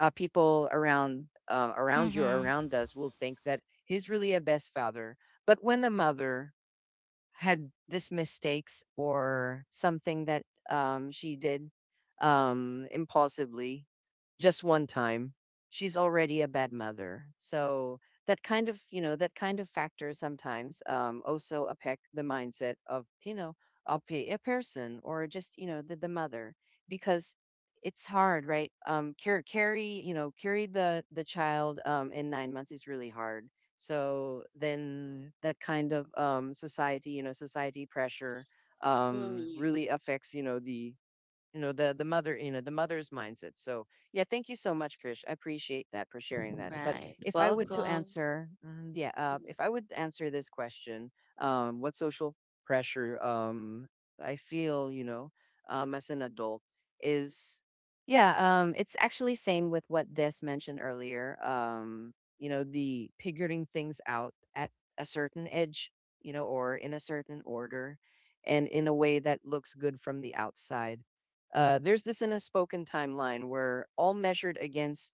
Speaker 1: Uh, people around uh, around you,
Speaker 2: Mhm.
Speaker 1: around us, will think that he's really a best father. But when a mother had this mistakes or something that um, she did um, impulsively just one time she's already a bad mother. So that kind of you know that kind of factor sometimes um, also affect the mindset of you know a, pe- a person or just you know the, the mother because it's hard, right? Um, carry, carry you know carry the the child um, in nine months is really hard. So then that kind of um, society, you know, society pressure um,
Speaker 3: Mm.
Speaker 1: really affects, you know, the you know the the mother you know the mother's mindset. So yeah, thank you so much, Krish, I appreciate that for sharing that. But
Speaker 3: Right.
Speaker 1: if I would to
Speaker 3: Welcome.
Speaker 1: answer mm, yeah uh,
Speaker 3: Mm.
Speaker 1: if I would answer this question, um what social pressure um I feel you know um as an adult is yeah um it's actually same with what Des mentioned earlier. Um you know, the figuring things out at a certain edge, you know, or in a certain order, and in a way that looks good from the outside. Uh, there's this in a spoken timeline where all measured against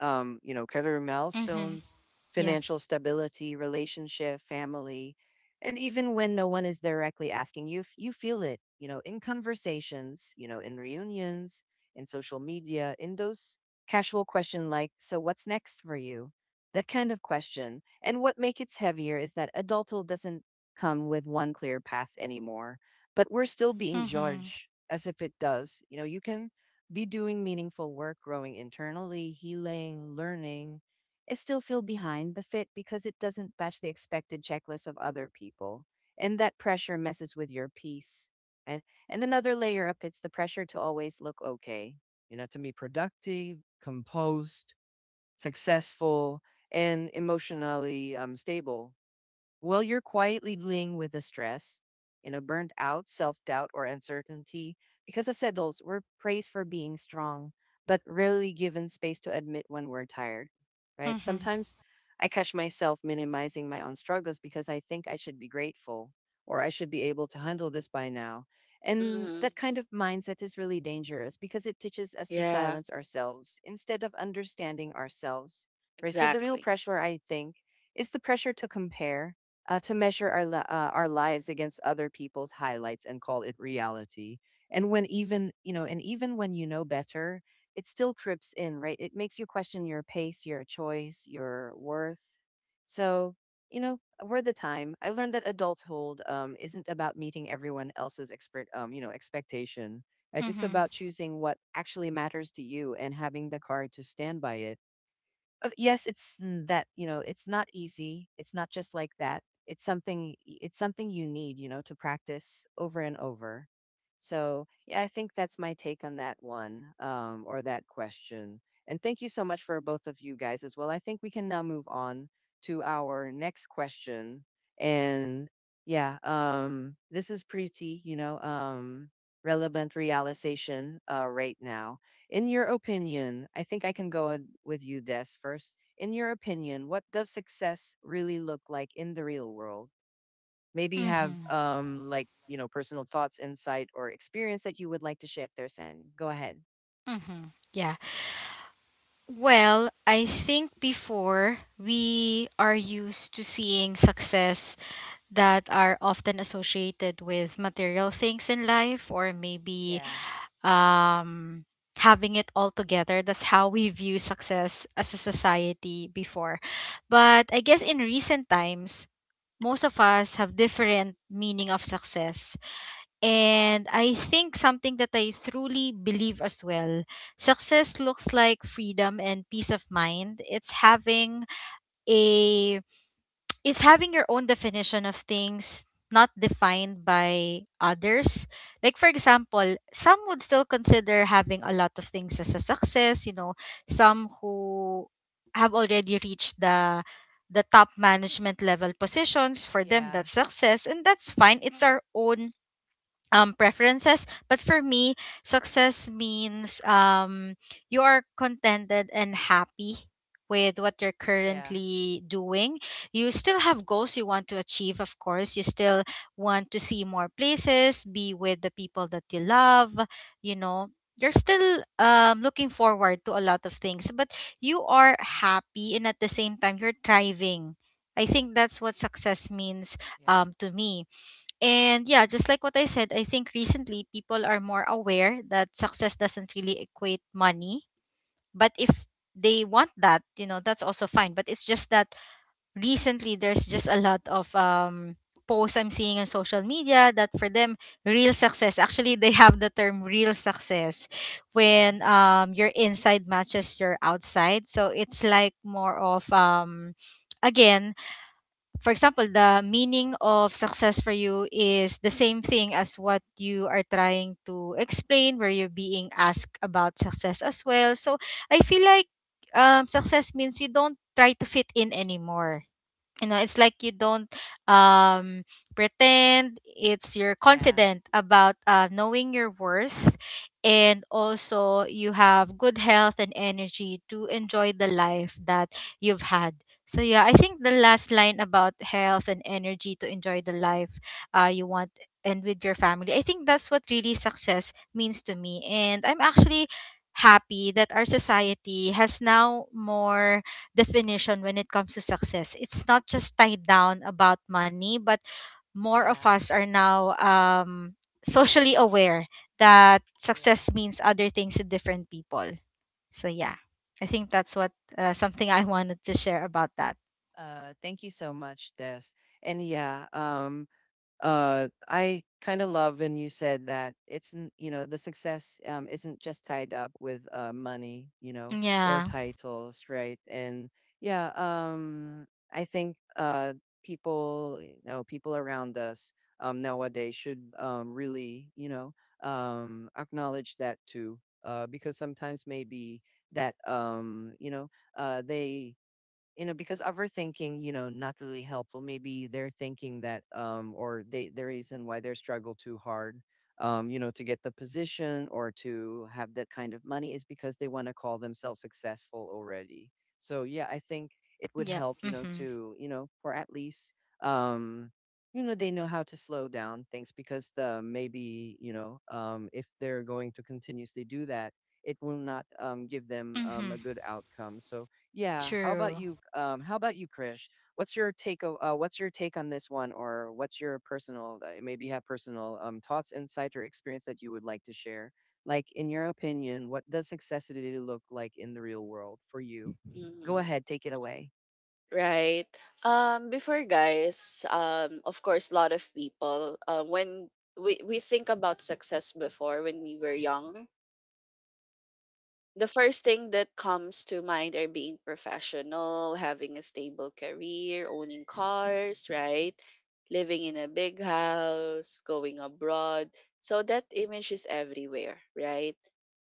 Speaker 1: um, you know, career
Speaker 2: Mhm.
Speaker 1: milestones,
Speaker 2: Yeah.
Speaker 1: financial stability, relationship, family. And even when no one is directly asking you, f- you feel it, you know, in conversations, you know, in reunions, in social media, in those casual question like, so what's next for you? That kind of question. And what makes it heavier is that adulthood doesn't come with one clear path anymore, but we're still being
Speaker 2: Mhm.
Speaker 1: judged as if it does. You know, you can be doing meaningful work, growing internally, healing, learning, and still feel behind the fit because it doesn't match the expected checklist of other people. And that pressure messes with your peace. And, and another layer up, it's the pressure to always look okay. You know, to be productive, composed, successful, and emotionally um, stable. While you're quietly dealing with the stress, you know, burnt out, self doubt, or uncertainty, because as adults, we're praised for being strong, but rarely given space to admit when we're tired, right?
Speaker 2: Mhm.
Speaker 1: Sometimes I catch myself minimizing my own struggles because I think I should be grateful or I should be able to handle this by now. And
Speaker 3: Mhm.
Speaker 1: that kind of mindset is really dangerous because it teaches us to
Speaker 3: Yeah.
Speaker 1: silence ourselves instead of understanding ourselves, right? So the real
Speaker 3: Exactly.
Speaker 1: pressure, I think, is the pressure to compare uh, to measure our, li- uh, our lives against other people's highlights and call it reality. And when even, you know, and even when you know better, it still trips in, right? It makes you question your pace, your choice, your worth. So, you know, over the time, I learned that adulthood um, isn't about meeting everyone else's expert, um, you know, expectation. Right? It's
Speaker 2: Mhm.
Speaker 1: about choosing what actually matters to you and having the courage to stand by it. Uh, yes, it's n- that, you know, it's not easy. It's not just like that. It's something it's something you need, you know, to practice over and over. So, yeah, I think that's my take on that one, um, or that question. And thank you so much for both of you guys as well. I think we can now move on to our next question. And yeah, um, this is pretty, you know, um, relevant realization uh, right now. In your opinion, I think I can go on with you, Des, first. In your opinion, what does success really look like in the real world? Maybe have
Speaker 2: Mhm.
Speaker 1: um like you know personal thoughts, insight, or experience that you would like to share there, San. Go ahead.
Speaker 2: Mhm. Yeah. Well, I think before we are used to seeing success that are often associated with material things in life, or maybe
Speaker 1: Yeah,
Speaker 2: um having it all together, that's how we view success as a society before. But I guess in recent times most of us have different meaning of success. And I think something that I truly believe as well, success looks like freedom and peace of mind. It's having a it's having your own definition of things, not defined by others. Like for example, some would still consider having a lot of things as a success, you know, some who have already reached the the top management level positions, for them
Speaker 1: yeah,
Speaker 2: that's success, and that's fine, it's our own um preferences. But for me success means um you are contented and happy with what you're
Speaker 1: yeah,
Speaker 2: currently doing, you still have goals you want to achieve, of course. You still want to see more places, be with the people that you love, you know, you're still um, looking forward to a lot of things, but you are happy and at the same time you're thriving. I think that's what success means
Speaker 1: yeah,
Speaker 2: um, to me. And yeah, just like what I said, I think recently people are more aware that success doesn't really equate money. But if they want that, you know, that's also fine. But it's just that recently there's just a lot of um posts I'm seeing on social media that for them real success, actually they have the term real success,
Speaker 1: yeah,
Speaker 2: when um your inside matches your outside. So it's like more of um again, for example, the meaning of success for you is the same thing as what you are trying to explain, where you're being asked about success as well. So I feel like um, success means you don't try to fit in anymore, you know, it's like you don't um pretend, it's you're
Speaker 1: yeah,
Speaker 2: confident about uh, knowing your worth, and also you have good health and energy to enjoy the life that you've had. So yeah, I think the last line about health and energy to enjoy the life uh, you want, and with your family, I think that's what really success means to me. And I'm actually happy that our society has now more definition when it comes to success. It's not just tied down about money, but more of
Speaker 1: yeah.
Speaker 2: us are now um, socially aware that
Speaker 1: Or
Speaker 2: success means other things to different people. So yeah, I think that's what uh, something I wanted to share about that.
Speaker 1: uh, thank you so much, Des. And yeah, um, uh I kind of love when you said that it's n- you know the success um isn't just tied up with uh money, you know, or
Speaker 2: Yeah.
Speaker 1: titles, right? And yeah, um, i think uh people, you know, people around us um nowadays should um really, you know, um acknowledge that too, uh because sometimes maybe that um, you know, uh they you know, because overthinking, you know, not really helpful, maybe they're thinking that um, or they the reason why they're struggle too hard um, you know, to get the position or to have that kind of money, is because they want to call themselves successful already. So yeah, I think it would
Speaker 2: Yep.
Speaker 1: help, you know,
Speaker 2: Mhm.
Speaker 1: to, you know, for at least um, you know, they know how to slow down things because the maybe, you know, um if they're going to continuously do that, it will not um give them um
Speaker 2: Mhm.
Speaker 1: a good outcome. So yeah. How about
Speaker 2: True.
Speaker 1: you? Um, how about you, Krish? What's your take o- uh, what's your take on this one, or what's your personal? Uh, maybe you have personal um, thoughts, insight, or experience that you would like to share. Like, in your opinion, what does successity look like in the real world for you? Go
Speaker 3: Mm.
Speaker 1: ahead, take it away.
Speaker 3: Right. Um, before guys, um, of course, a lot of people, uh, when we, we think about success before when we were young, the first thing that comes to mind are being professional, having a stable career, owning cars, right? Living in a big house, going abroad. So that image is everywhere, right?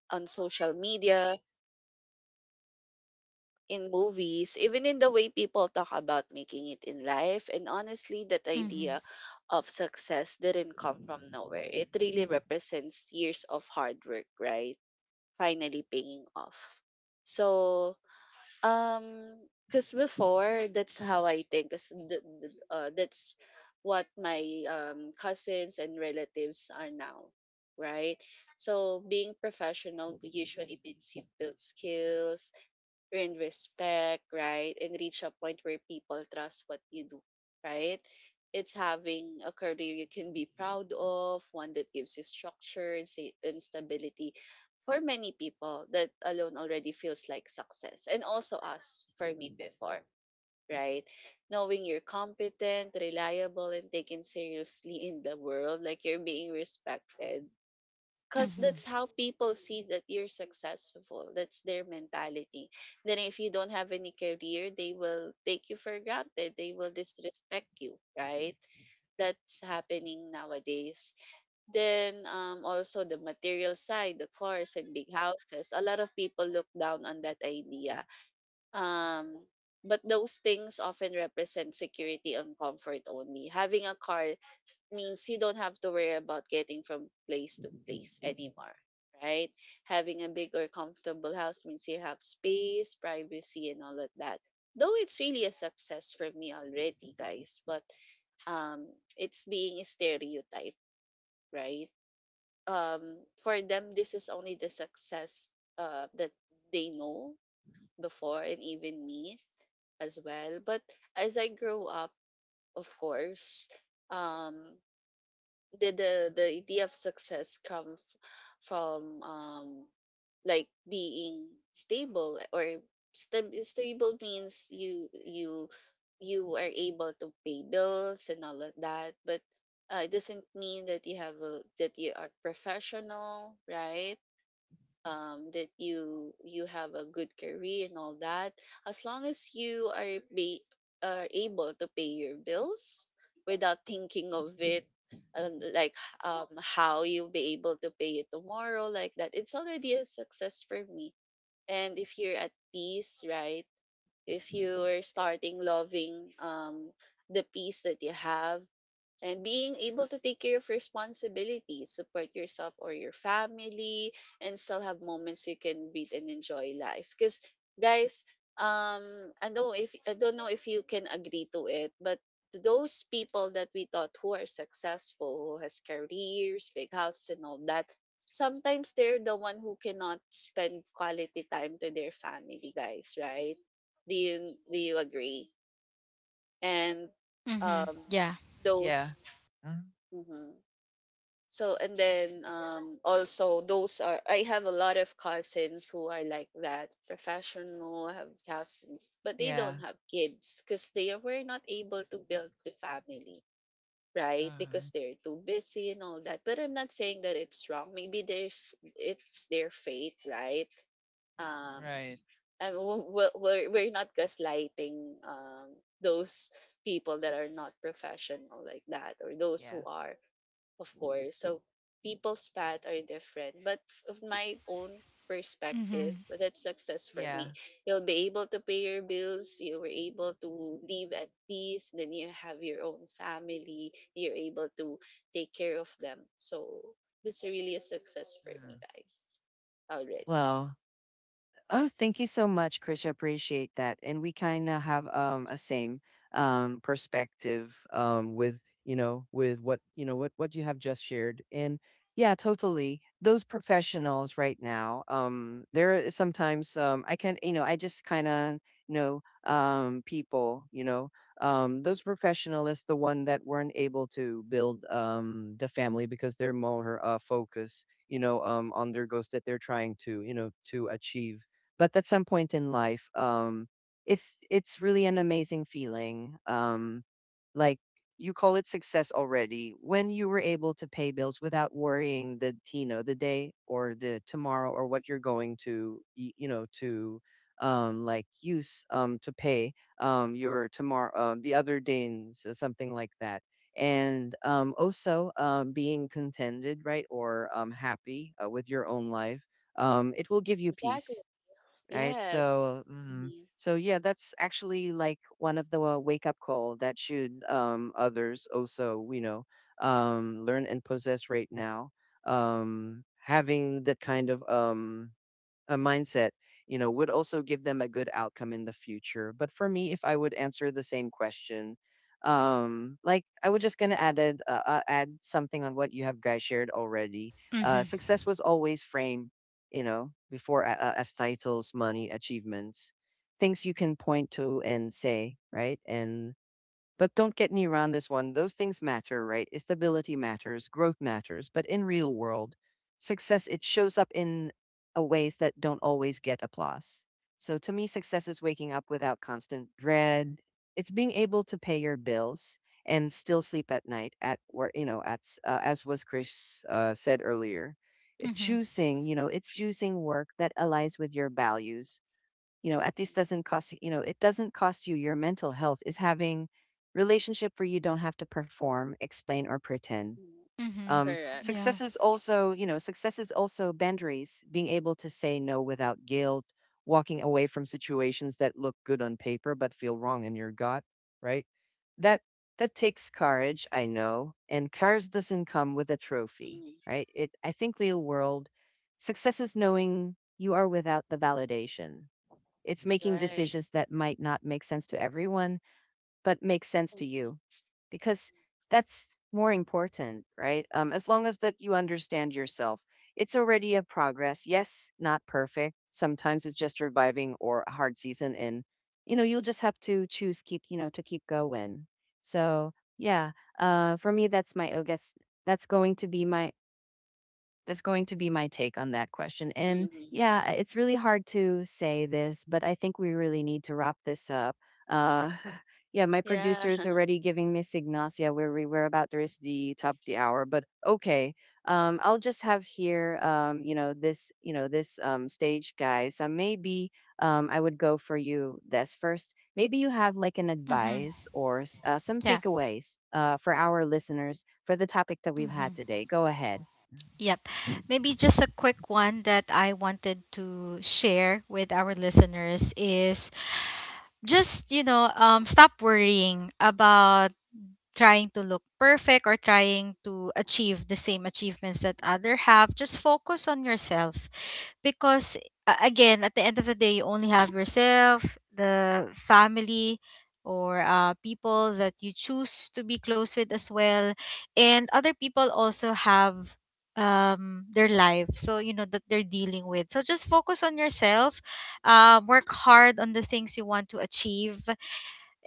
Speaker 3: On social media, in movies, even in the way people talk about making it in life. And honestly, that
Speaker 2: Mhm.
Speaker 3: idea of success didn't come from nowhere. It really represents years of hard work, right? Finally paying off. So, um, because before, that's how I think. 'Cause th- th- uh, that's what my um, cousins and relatives are now, right? So, being professional usually means you've built skills, earn respect, right? And reach a point where people trust what you do, right? It's having a career you can be proud of, one that gives you structure and sa- and stability. For many people, that alone already feels like success. And also us, for me before, right? Knowing you're competent, reliable, and taken seriously in the world, like you're being respected because
Speaker 2: Mhm.
Speaker 3: that's how people see that you're successful, that's their mentality. Then if you don't have any career they will take you for granted, they will disrespect you, right? That's happening nowadays. Then um, also the material side, the cars and big houses, a lot of people look down on that idea, um, but those things often represent security and comfort. Only having a car means you don't have to worry about getting from place to place anymore, right? Having a big or comfortable house means you have space, privacy, and all of that. Though it's really a success for me already, guys, but um, it's being a stereotype, right? Um, for them, this is only the success uh, that they know before, and even me as well. But as I grow up, of course, um the the the idea of success come f- from um like being stable or sta- stable means you you you are able to pay bills and all of that but uh, it doesn't mean that you have a that you are professional right um, that you you have a good career and all that, as long as you are be are able to pay your bills without thinking of it and like um, how you'll be able to pay it tomorrow like that, it's already a success for me. And if you're at peace, right? If you're starting loving um, the peace that you have and being able to take care of responsibilities, support yourself or your family, and still have moments you can breathe and enjoy life. Because guys, um, I know if I don't know if you can agree to it, but those people that we thought who are successful, who has careers, big house and all that, sometimes they're the one who cannot spend quality time to their family, guys. Right? Do you do you agree? And
Speaker 2: Mhm.
Speaker 3: um,
Speaker 2: Yeah.
Speaker 1: Yeah.
Speaker 3: those.
Speaker 1: Mm.
Speaker 3: Mm-hmm. So and then um also those are I have a lot of cousins who are like that, professional, I have cousins, but they
Speaker 1: Yeah.
Speaker 3: don't have kids because they were not able to build the family, right? Because
Speaker 1: Um,
Speaker 3: they're too busy and all that. But I'm not saying that it's wrong. Maybe there's it's their fate, right? Um
Speaker 1: right.
Speaker 3: and w- w- we're we're not gaslighting um those people that are not professional like that or those
Speaker 1: Yeah.
Speaker 3: who are of course. So people's path are different. But of my own perspective,
Speaker 2: Mhm.
Speaker 3: that's success for
Speaker 1: Yeah.
Speaker 3: me. You'll be able to pay your bills, you were able to live at peace, then you have your own family, you're able to take care of them. So that's really a success for me,
Speaker 1: Mm.
Speaker 3: guys. Already.
Speaker 1: Well, oh, thank you so much, Krisha. Appreciate that. And we kind of have um a same um perspective um with, you know, with what, you know, what what you have just shared. And yeah, totally. Those professionals right now, um, there is sometimes um I can, you know, I just kind of know um people, you know, um those professionals, the one that weren't able to build um the family because they're more uh focused, you know, um on their goals that they're trying to, you know, to achieve, but at some point in life, um, it's it's really an amazing feeling. Um, like you call it success already when you were able to pay bills without worrying the, you know, the day or the tomorrow or what you're going to y- you know to um like use um to pay um your tomorrow, uh, the other days or something like that. And um also um being contented, right? Or um happy, uh, with your own life, um it will give you
Speaker 3: Exactly.
Speaker 1: peace, right?
Speaker 3: Yes.
Speaker 1: So, mhm.
Speaker 3: Mhm.
Speaker 1: So yeah, that's actually like one of the uh, wake up call that should um, others also, you know, um, learn and possess right now. Um, having that kind of um, a mindset, you know, would also give them a good outcome in the future. But for me, if I would answer the same question, um, like I would just gonna added uh, uh, add something on what you have guys shared already. Uh,
Speaker 2: Mhm.
Speaker 1: success was always framed, you know, before a- a- as titles, money, achievements, things you can point to and say, right? And but don't get me wrong this one. Those things matter, right? Stability matters, growth matters, but in real world, success it shows up in a ways that don't always get applause. So to me, success is waking up without constant dread. It's being able to pay your bills and still sleep at night at where, you know, at s- uh, as was Chris uh, said earlier. It
Speaker 2: Mhm.
Speaker 1: choosing, you know, it's choosing work that aligns with your values, you know, at least doesn't cost, you know, it doesn't cost you your mental health, is having relationship where you don't have to perform, explain, or pretend.
Speaker 3: Mhm.
Speaker 2: Mhm.
Speaker 1: Um,
Speaker 3: Correct.
Speaker 1: success
Speaker 2: Yeah.
Speaker 1: is also, you know, success is also boundaries, being able to say no without guilt, walking away from situations that look good on paper but feel wrong in your gut, right? That that takes courage, I know, and courage doesn't come with a trophy,
Speaker 3: Mhm.
Speaker 1: right? It, I think real world success is knowing you are without the validation. It's making
Speaker 3: Right.
Speaker 1: decisions that might not make sense to everyone, but make sense to
Speaker 3: Mhm.
Speaker 1: you, because that's more important, right? Um, as long as that you understand yourself, it's already a progress. Yes, not perfect. Sometimes it's just reviving or a hard season, and you know you'll just have to choose keep, you know, to keep going. So yeah, uh, for me that's my I guess that's going to be my that's going to be my take on that question. And
Speaker 3: Mhm.
Speaker 1: yeah, uh, it's really hard to say this, but I think we really need to wrap this up. Uh, yeah, my
Speaker 3: Yeah.
Speaker 1: producer is already giving me signals. Yeah, we're we- we're about to reach the top of the hour, but okay. Um, I'll just have here, um, you know, this, you know, this um stage guy. So maybe um, I would go for you this first. Maybe you have like an
Speaker 2: Mhm.
Speaker 1: advice or s- uh, some
Speaker 2: Yeah.
Speaker 1: takeaways uh for our listeners for the topic that we've had
Speaker 2: Mhm.
Speaker 1: today. Go ahead.
Speaker 2: Yep. Maybe just a quick one that I wanted to share with our listeners is just, you know, um, stop worrying about trying to look perfect or trying to achieve the same achievements that other have. Just focus on yourself because a- again, at the end of the day you only have yourself, the family, or uh, people that you choose to be close with as well. And other people also have um their life, so you know, that they're dealing with, so just focus on yourself, um work hard on the things you want to achieve.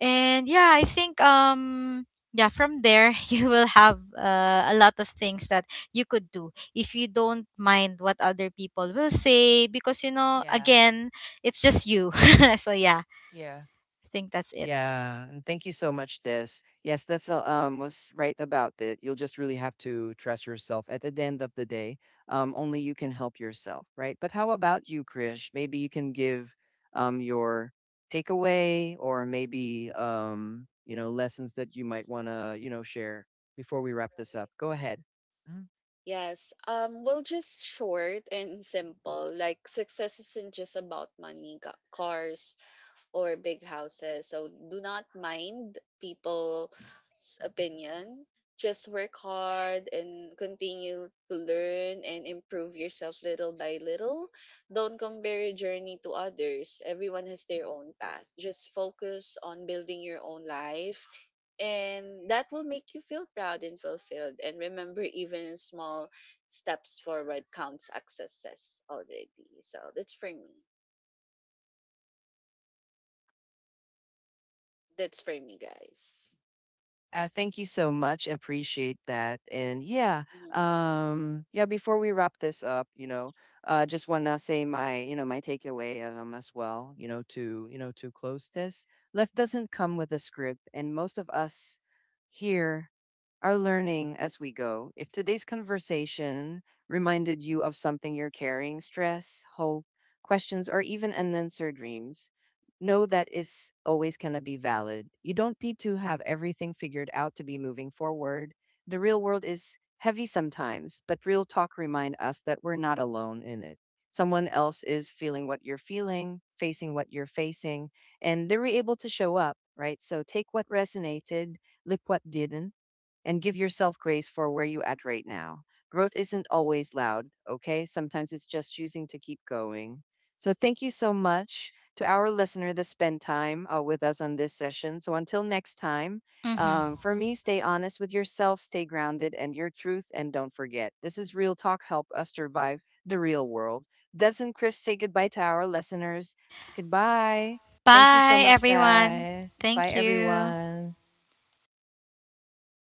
Speaker 2: And yeah, I think um yeah, from there you will have uh, a lot of things that you could do if you don't mind what other people will say, because you know,
Speaker 1: Yeah.
Speaker 2: again, it's just you. So yeah,
Speaker 1: Yeah.
Speaker 2: I think that's it.
Speaker 1: Yeah, and thank you so much, This. Yes, that's uh, um was right about that. You'll just really have to trust yourself. At the end of the day, um, only you can help yourself, right? But how about you, Krish? Maybe you can give um your takeaway, or maybe um, you know, lessons that you might wanna, you know, share before we wrap this up. Go ahead.
Speaker 3: Yes. Um, well, just short and simple. Like, success isn't just about money, ca- cars, or big houses. So do not mind people's opinion. Just work hard and continue to learn and improve yourself little by little. Don't compare your journey to others. Everyone has their own path. Just focus on building your own life and that will make you feel proud and fulfilled. And remember, even small steps forward counts as success already. So that's for me. That's for me, guys.
Speaker 1: Uh, thank you so much. Appreciate that. And yeah,
Speaker 3: Mm-hmm.
Speaker 1: um, yeah. Before we wrap this up, you know, uh, just wanna say my, you know, my takeaway um as well. You know, to, you know, to close this. Life doesn't come with a script, and most of us here are learning as we go. If today's conversation reminded you of something you're carrying stress, hope, questions, or even unanswered dreams, know that is always going to be valid. You don't need to have everything figured out to be moving forward. The real world is heavy sometimes, but real talk remind us that we're not alone in it. Someone else is feeling what you're feeling, facing what you're facing, and they were able to show up, right? So take what resonated, lip what didn't, and give yourself grace for where you at right now. Growth isn't always loud, okay? Sometimes it's just choosing to keep going. So thank you so much to our listener that spent time uh, with us on this session. So until next time,
Speaker 2: Mhm.
Speaker 1: um, for me, stay honest with yourself, stay grounded and your truth, and don't forget this is real talk. Help us survive the real world. Doesn't Chris say goodbye to our listeners? Goodbye. Thank you so
Speaker 2: Bye
Speaker 1: much,
Speaker 2: everyone.
Speaker 1: guys. Bye,
Speaker 2: Thank you.
Speaker 1: everyone.